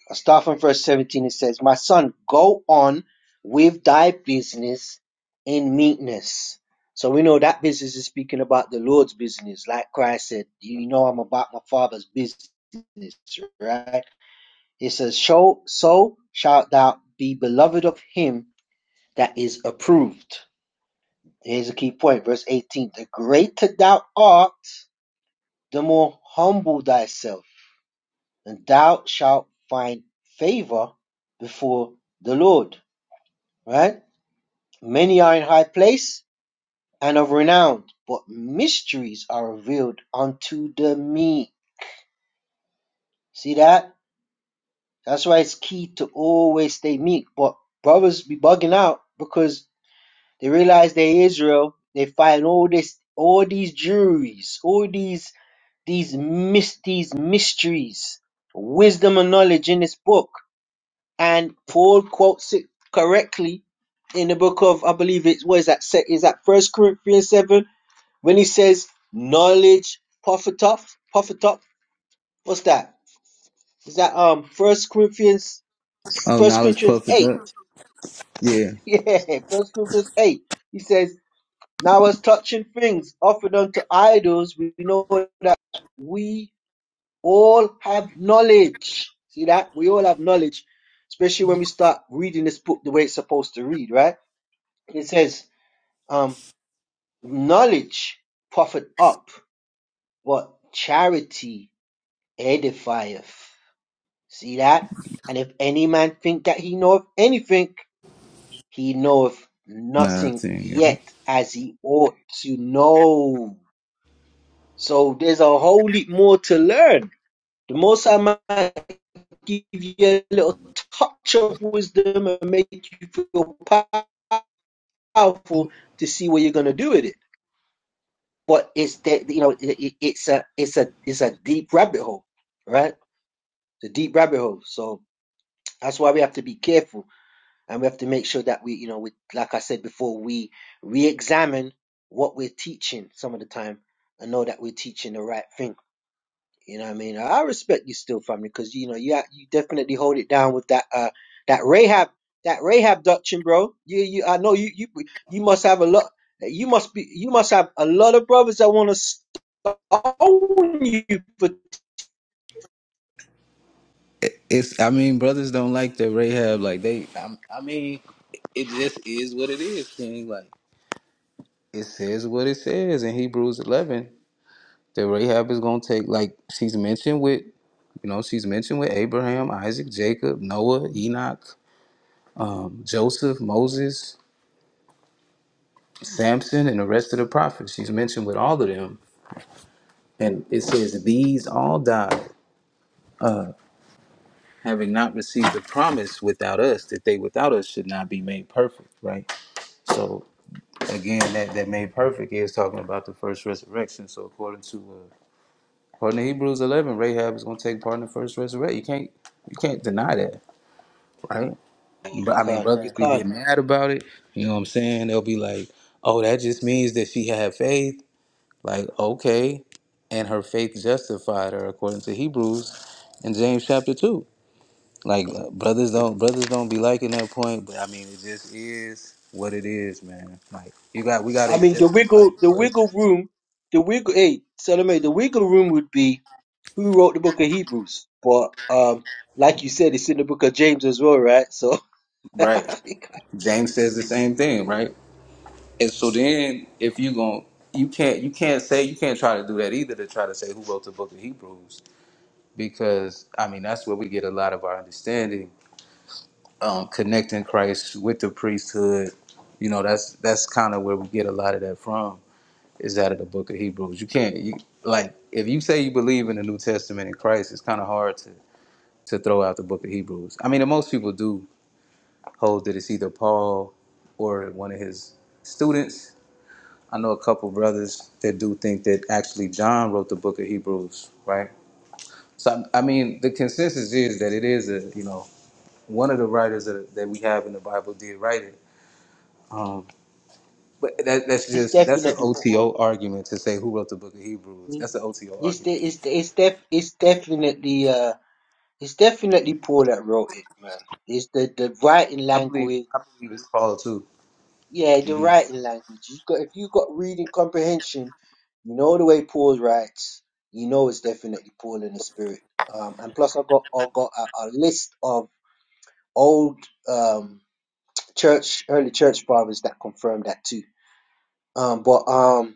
Speaker 2: I start from verse 17. It says, My son, go on with thy business in meekness. So we know that business is speaking about the Lord's business. Like Christ said, You know, I'm about my father's business, right? It says, Show, so shalt thou be beloved of him that is approved. Here's a key point, verse 18. The greater thou art, the more humble thyself, and thou shalt find favor before the Lord. right? Many are in high place and of renown, but mysteries are revealed unto the meek. See that? That's why it's key to always stay meek. But brothers be bugging out because they realize they're Israel. They find all this, all these juries, all these these mys- these mysteries, wisdom and knowledge in this book. And Paul quotes it correctly in the book of I believe it's what is that se- is that First Corinthians seven When he says knowledge puffeth up, puffeth up, what's that? Is that um First Corinthians
Speaker 6: Oh,
Speaker 2: First
Speaker 6: knowledge
Speaker 2: Corinthians
Speaker 6: puffeth
Speaker 2: eight?
Speaker 6: up. Yeah,
Speaker 2: Yeah, First Corinthians eight. He says, Now as touching things offered unto idols, we know that we all have knowledge. See that? We all have knowledge, especially when we start reading this book the way it's supposed to read, right? It says, um, knowledge profit up, but charity edifieth. See that? And if any man think that he knoweth anything, he knoweth
Speaker 6: nah, I
Speaker 2: nothing
Speaker 6: think, yeah.
Speaker 2: yet as he ought to know. So there's a whole lot more to learn. The most I might give you a little touch of wisdom and make you feel powerful to see what you're gonna do with it. But it's that you know it- it's a it's a it's a deep rabbit hole, right? The deep rabbit hole. So that's why we have to be careful and we have to make sure that we, you know, we, like I said before, we re-examine what we're teaching some of the time and know that we're teaching the right thing. You know what I mean? I respect you still, family, because you know you ha- you definitely hold it down with that uh that Rahab that Rahab doctrine, bro. You you I know you you you must have a lot. You must be you must have a lot of brothers that want to stone you, for.
Speaker 6: It's. I mean, brothers don't like that Rahab. Like they. I, I mean, it just is what it is, King. Like it says what it says in Hebrews eleven that Rahab is gonna take. Like she's mentioned with, you know, she's mentioned with Abraham, Isaac, Jacob, Noah, Enoch, um, Joseph, Moses, Samson, and the rest of the prophets. She's mentioned with all of them, and it says these all died. Uh, having not received the promise without us, that they without us should not be made perfect, right? So again that that made perfect is talking about the first resurrection. So according to uh, according to Hebrews eleven, Rahab is going to take part in the first resurrection. You can't you can't deny that, right? But
Speaker 2: you
Speaker 6: I mean,
Speaker 2: can't you
Speaker 6: brothers be
Speaker 2: can't.
Speaker 6: getting mad about it. You know what I'm saying? They'll be like, "Oh, that just means that she had faith." Like, okay, and her faith justified her according to Hebrews and James chapter two. Like uh, brothers don't brothers don't be liking that point, but I mean, it just is what it is, man. Like you got we got to
Speaker 2: I mean
Speaker 6: accept
Speaker 2: the
Speaker 6: the
Speaker 2: wiggle the
Speaker 6: Bible.
Speaker 2: wiggle room the wiggle. Hey, Salome, the wiggle room would be who wrote the book of Hebrews. But um, like you said, it's in the book of James as well, right? So
Speaker 6: Right.
Speaker 2: it's
Speaker 6: James says the same thing, right? And so then if you gon' you can't you can't say you can't try to do that either to try to say who wrote the book of Hebrews because I mean that's where we get a lot of our understanding um, connecting Christ with the priesthood. You know that's that's kind of where we get a lot of that from is out of the book of Hebrews. You can't you like if you say you believe in the New Testament in Christ, it's kind of hard to to throw out the book of Hebrews. I mean, and most people do hold that it's either Paul or one of his students. I know a couple brothers that do think that actually John wrote the book of Hebrews, right? So I I mean, the consensus is that it is a you know one of the writers that, that we have in the Bible did write it. Um, but that, that's just that's an
Speaker 2: definitely Paul.
Speaker 6: OTO argument to say who wrote the book of Hebrews. That's an OTO
Speaker 2: It's de-
Speaker 6: argument.
Speaker 2: it's de- it's def it's definitely uh it's definitely Paul that wrote it, man. It's the the writing
Speaker 6: I believe
Speaker 2: language.
Speaker 6: I believe it's Paul too.
Speaker 2: Yeah, the
Speaker 6: hmm
Speaker 2: writing language. You got if you got reading comprehension, you know the way Paul writes. You know it's definitely Paul in the spirit. Um, and plus I got I got a, a list of old um church early church fathers that confirmed that too um but um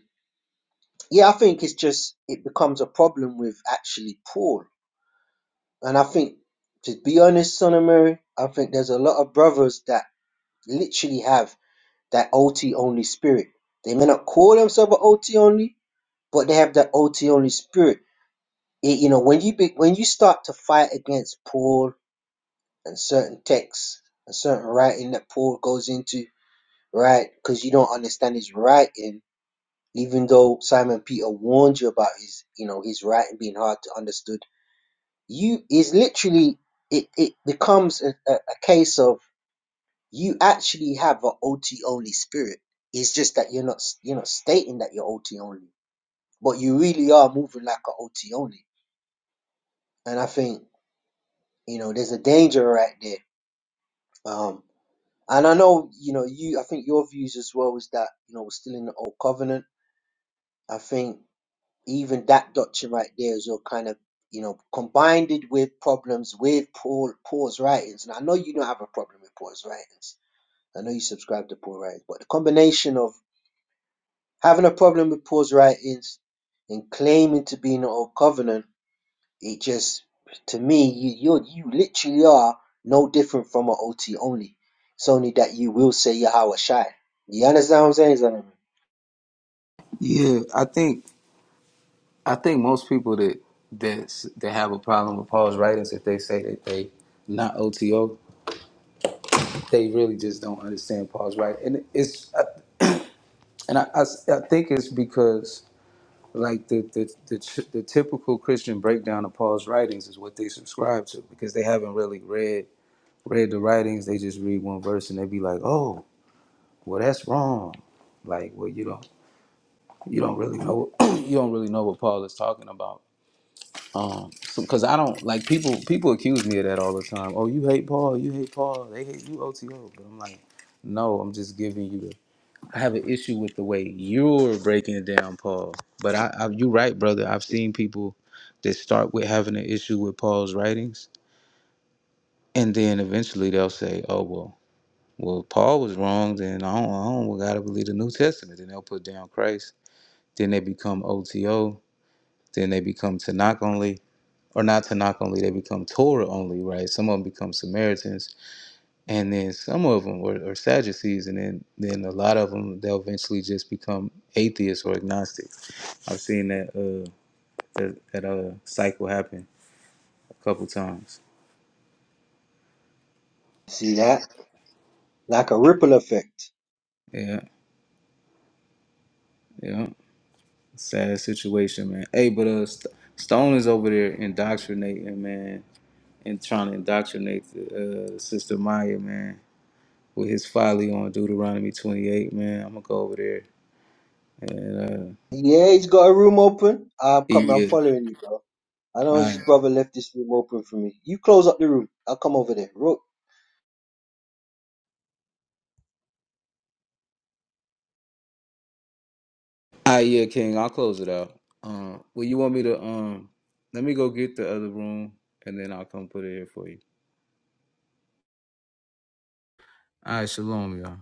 Speaker 2: yeah i think it's just it becomes a problem with actually paul and i think to be honest son of mary i think there's a lot of brothers that literally have that ot only spirit they may not call themselves an ot only but they have that ot only spirit it, you know when you be, when you start to fight against paul and certain texts and certain writing that paul goes into right because you don't understand his writing even though Simon Peter warned you about his, you know, his writing being hard to understood, you is literally it. It becomes a, a, a case of you actually have an OT only spirit. It's just that you're not you're not stating that you're OT only, but you really are moving like an OT only. And I think you know there's a danger right there. Um, and I know you know you. I think your views as well was that you know we're still in the old covenant. I think. even that doctrine right there is all kind of you know combined it with problems with Paul Paul's writings. And I know you don't have a problem with Paul's writings. I know you subscribe to Paul's writings, but the combination of having a problem with Paul's writings and claiming to be in the old covenant, it just to me you you you literally are no different from an OT only. It's only that you will say Yahweh Shai. You understand what I'm saying, Zanami?
Speaker 6: Yeah, I think. I think most people that that that have a problem with Paul's writings, if they say that they not OTO, they really just don't understand Paul's writing. And it's uh, and I, I, s- I think it's because like the the, the ch- the typical Christian breakdown of Paul's writings is what they subscribe to because they haven't really read read the writings. They just read one verse and they be like, oh, well that's wrong. Like, well you don't you don't really know you don't really know what Paul is talking about Um, because I don't like people. People accuse me of that all the time. Oh, you hate Paul. You hate Paul. They hate you, OTO. But I'm like, no. I'm just giving you. The, I have an issue with the way you're breaking it down, Paul. But I, I you're right, brother. I've seen people that start with having an issue with Paul's writings, and then eventually they'll say, oh well, well Paul was wrong. Then I don't, I don't gotta believe the New Testament. Then they'll put down Christ. Then they become OTO. Then they become Tanakh only or not Tanakh only, they become Torah only, right? Some of them become Samaritans, and then some of them are, are Sadducees, and then then a lot of them they'll eventually just become atheists or agnostics. I've seen that uh that, that uh cycle happen a couple times.
Speaker 2: See that? Like a ripple effect.
Speaker 6: Yeah, yeah, sad situation, man. Hey, but uh, St- Stone is over there indoctrinating, man, and trying to indoctrinate uh, Sister Maya, man, with his folly on Deuteronomy 28, man. I'm gonna go over there and. uh,
Speaker 2: Yeah, he's got a room open. I'm coming. I'm
Speaker 6: Yeah.
Speaker 2: following you, bro. I
Speaker 6: All
Speaker 2: know his
Speaker 6: right.
Speaker 2: brother left this room open for me. You close up the room. I'll come over there. Ro-
Speaker 6: All right, yeah, King. I'll close it out. Um, well, you want me to um, let me go get the other room, and then I'll come put it here for you. All right, shalom, y'all.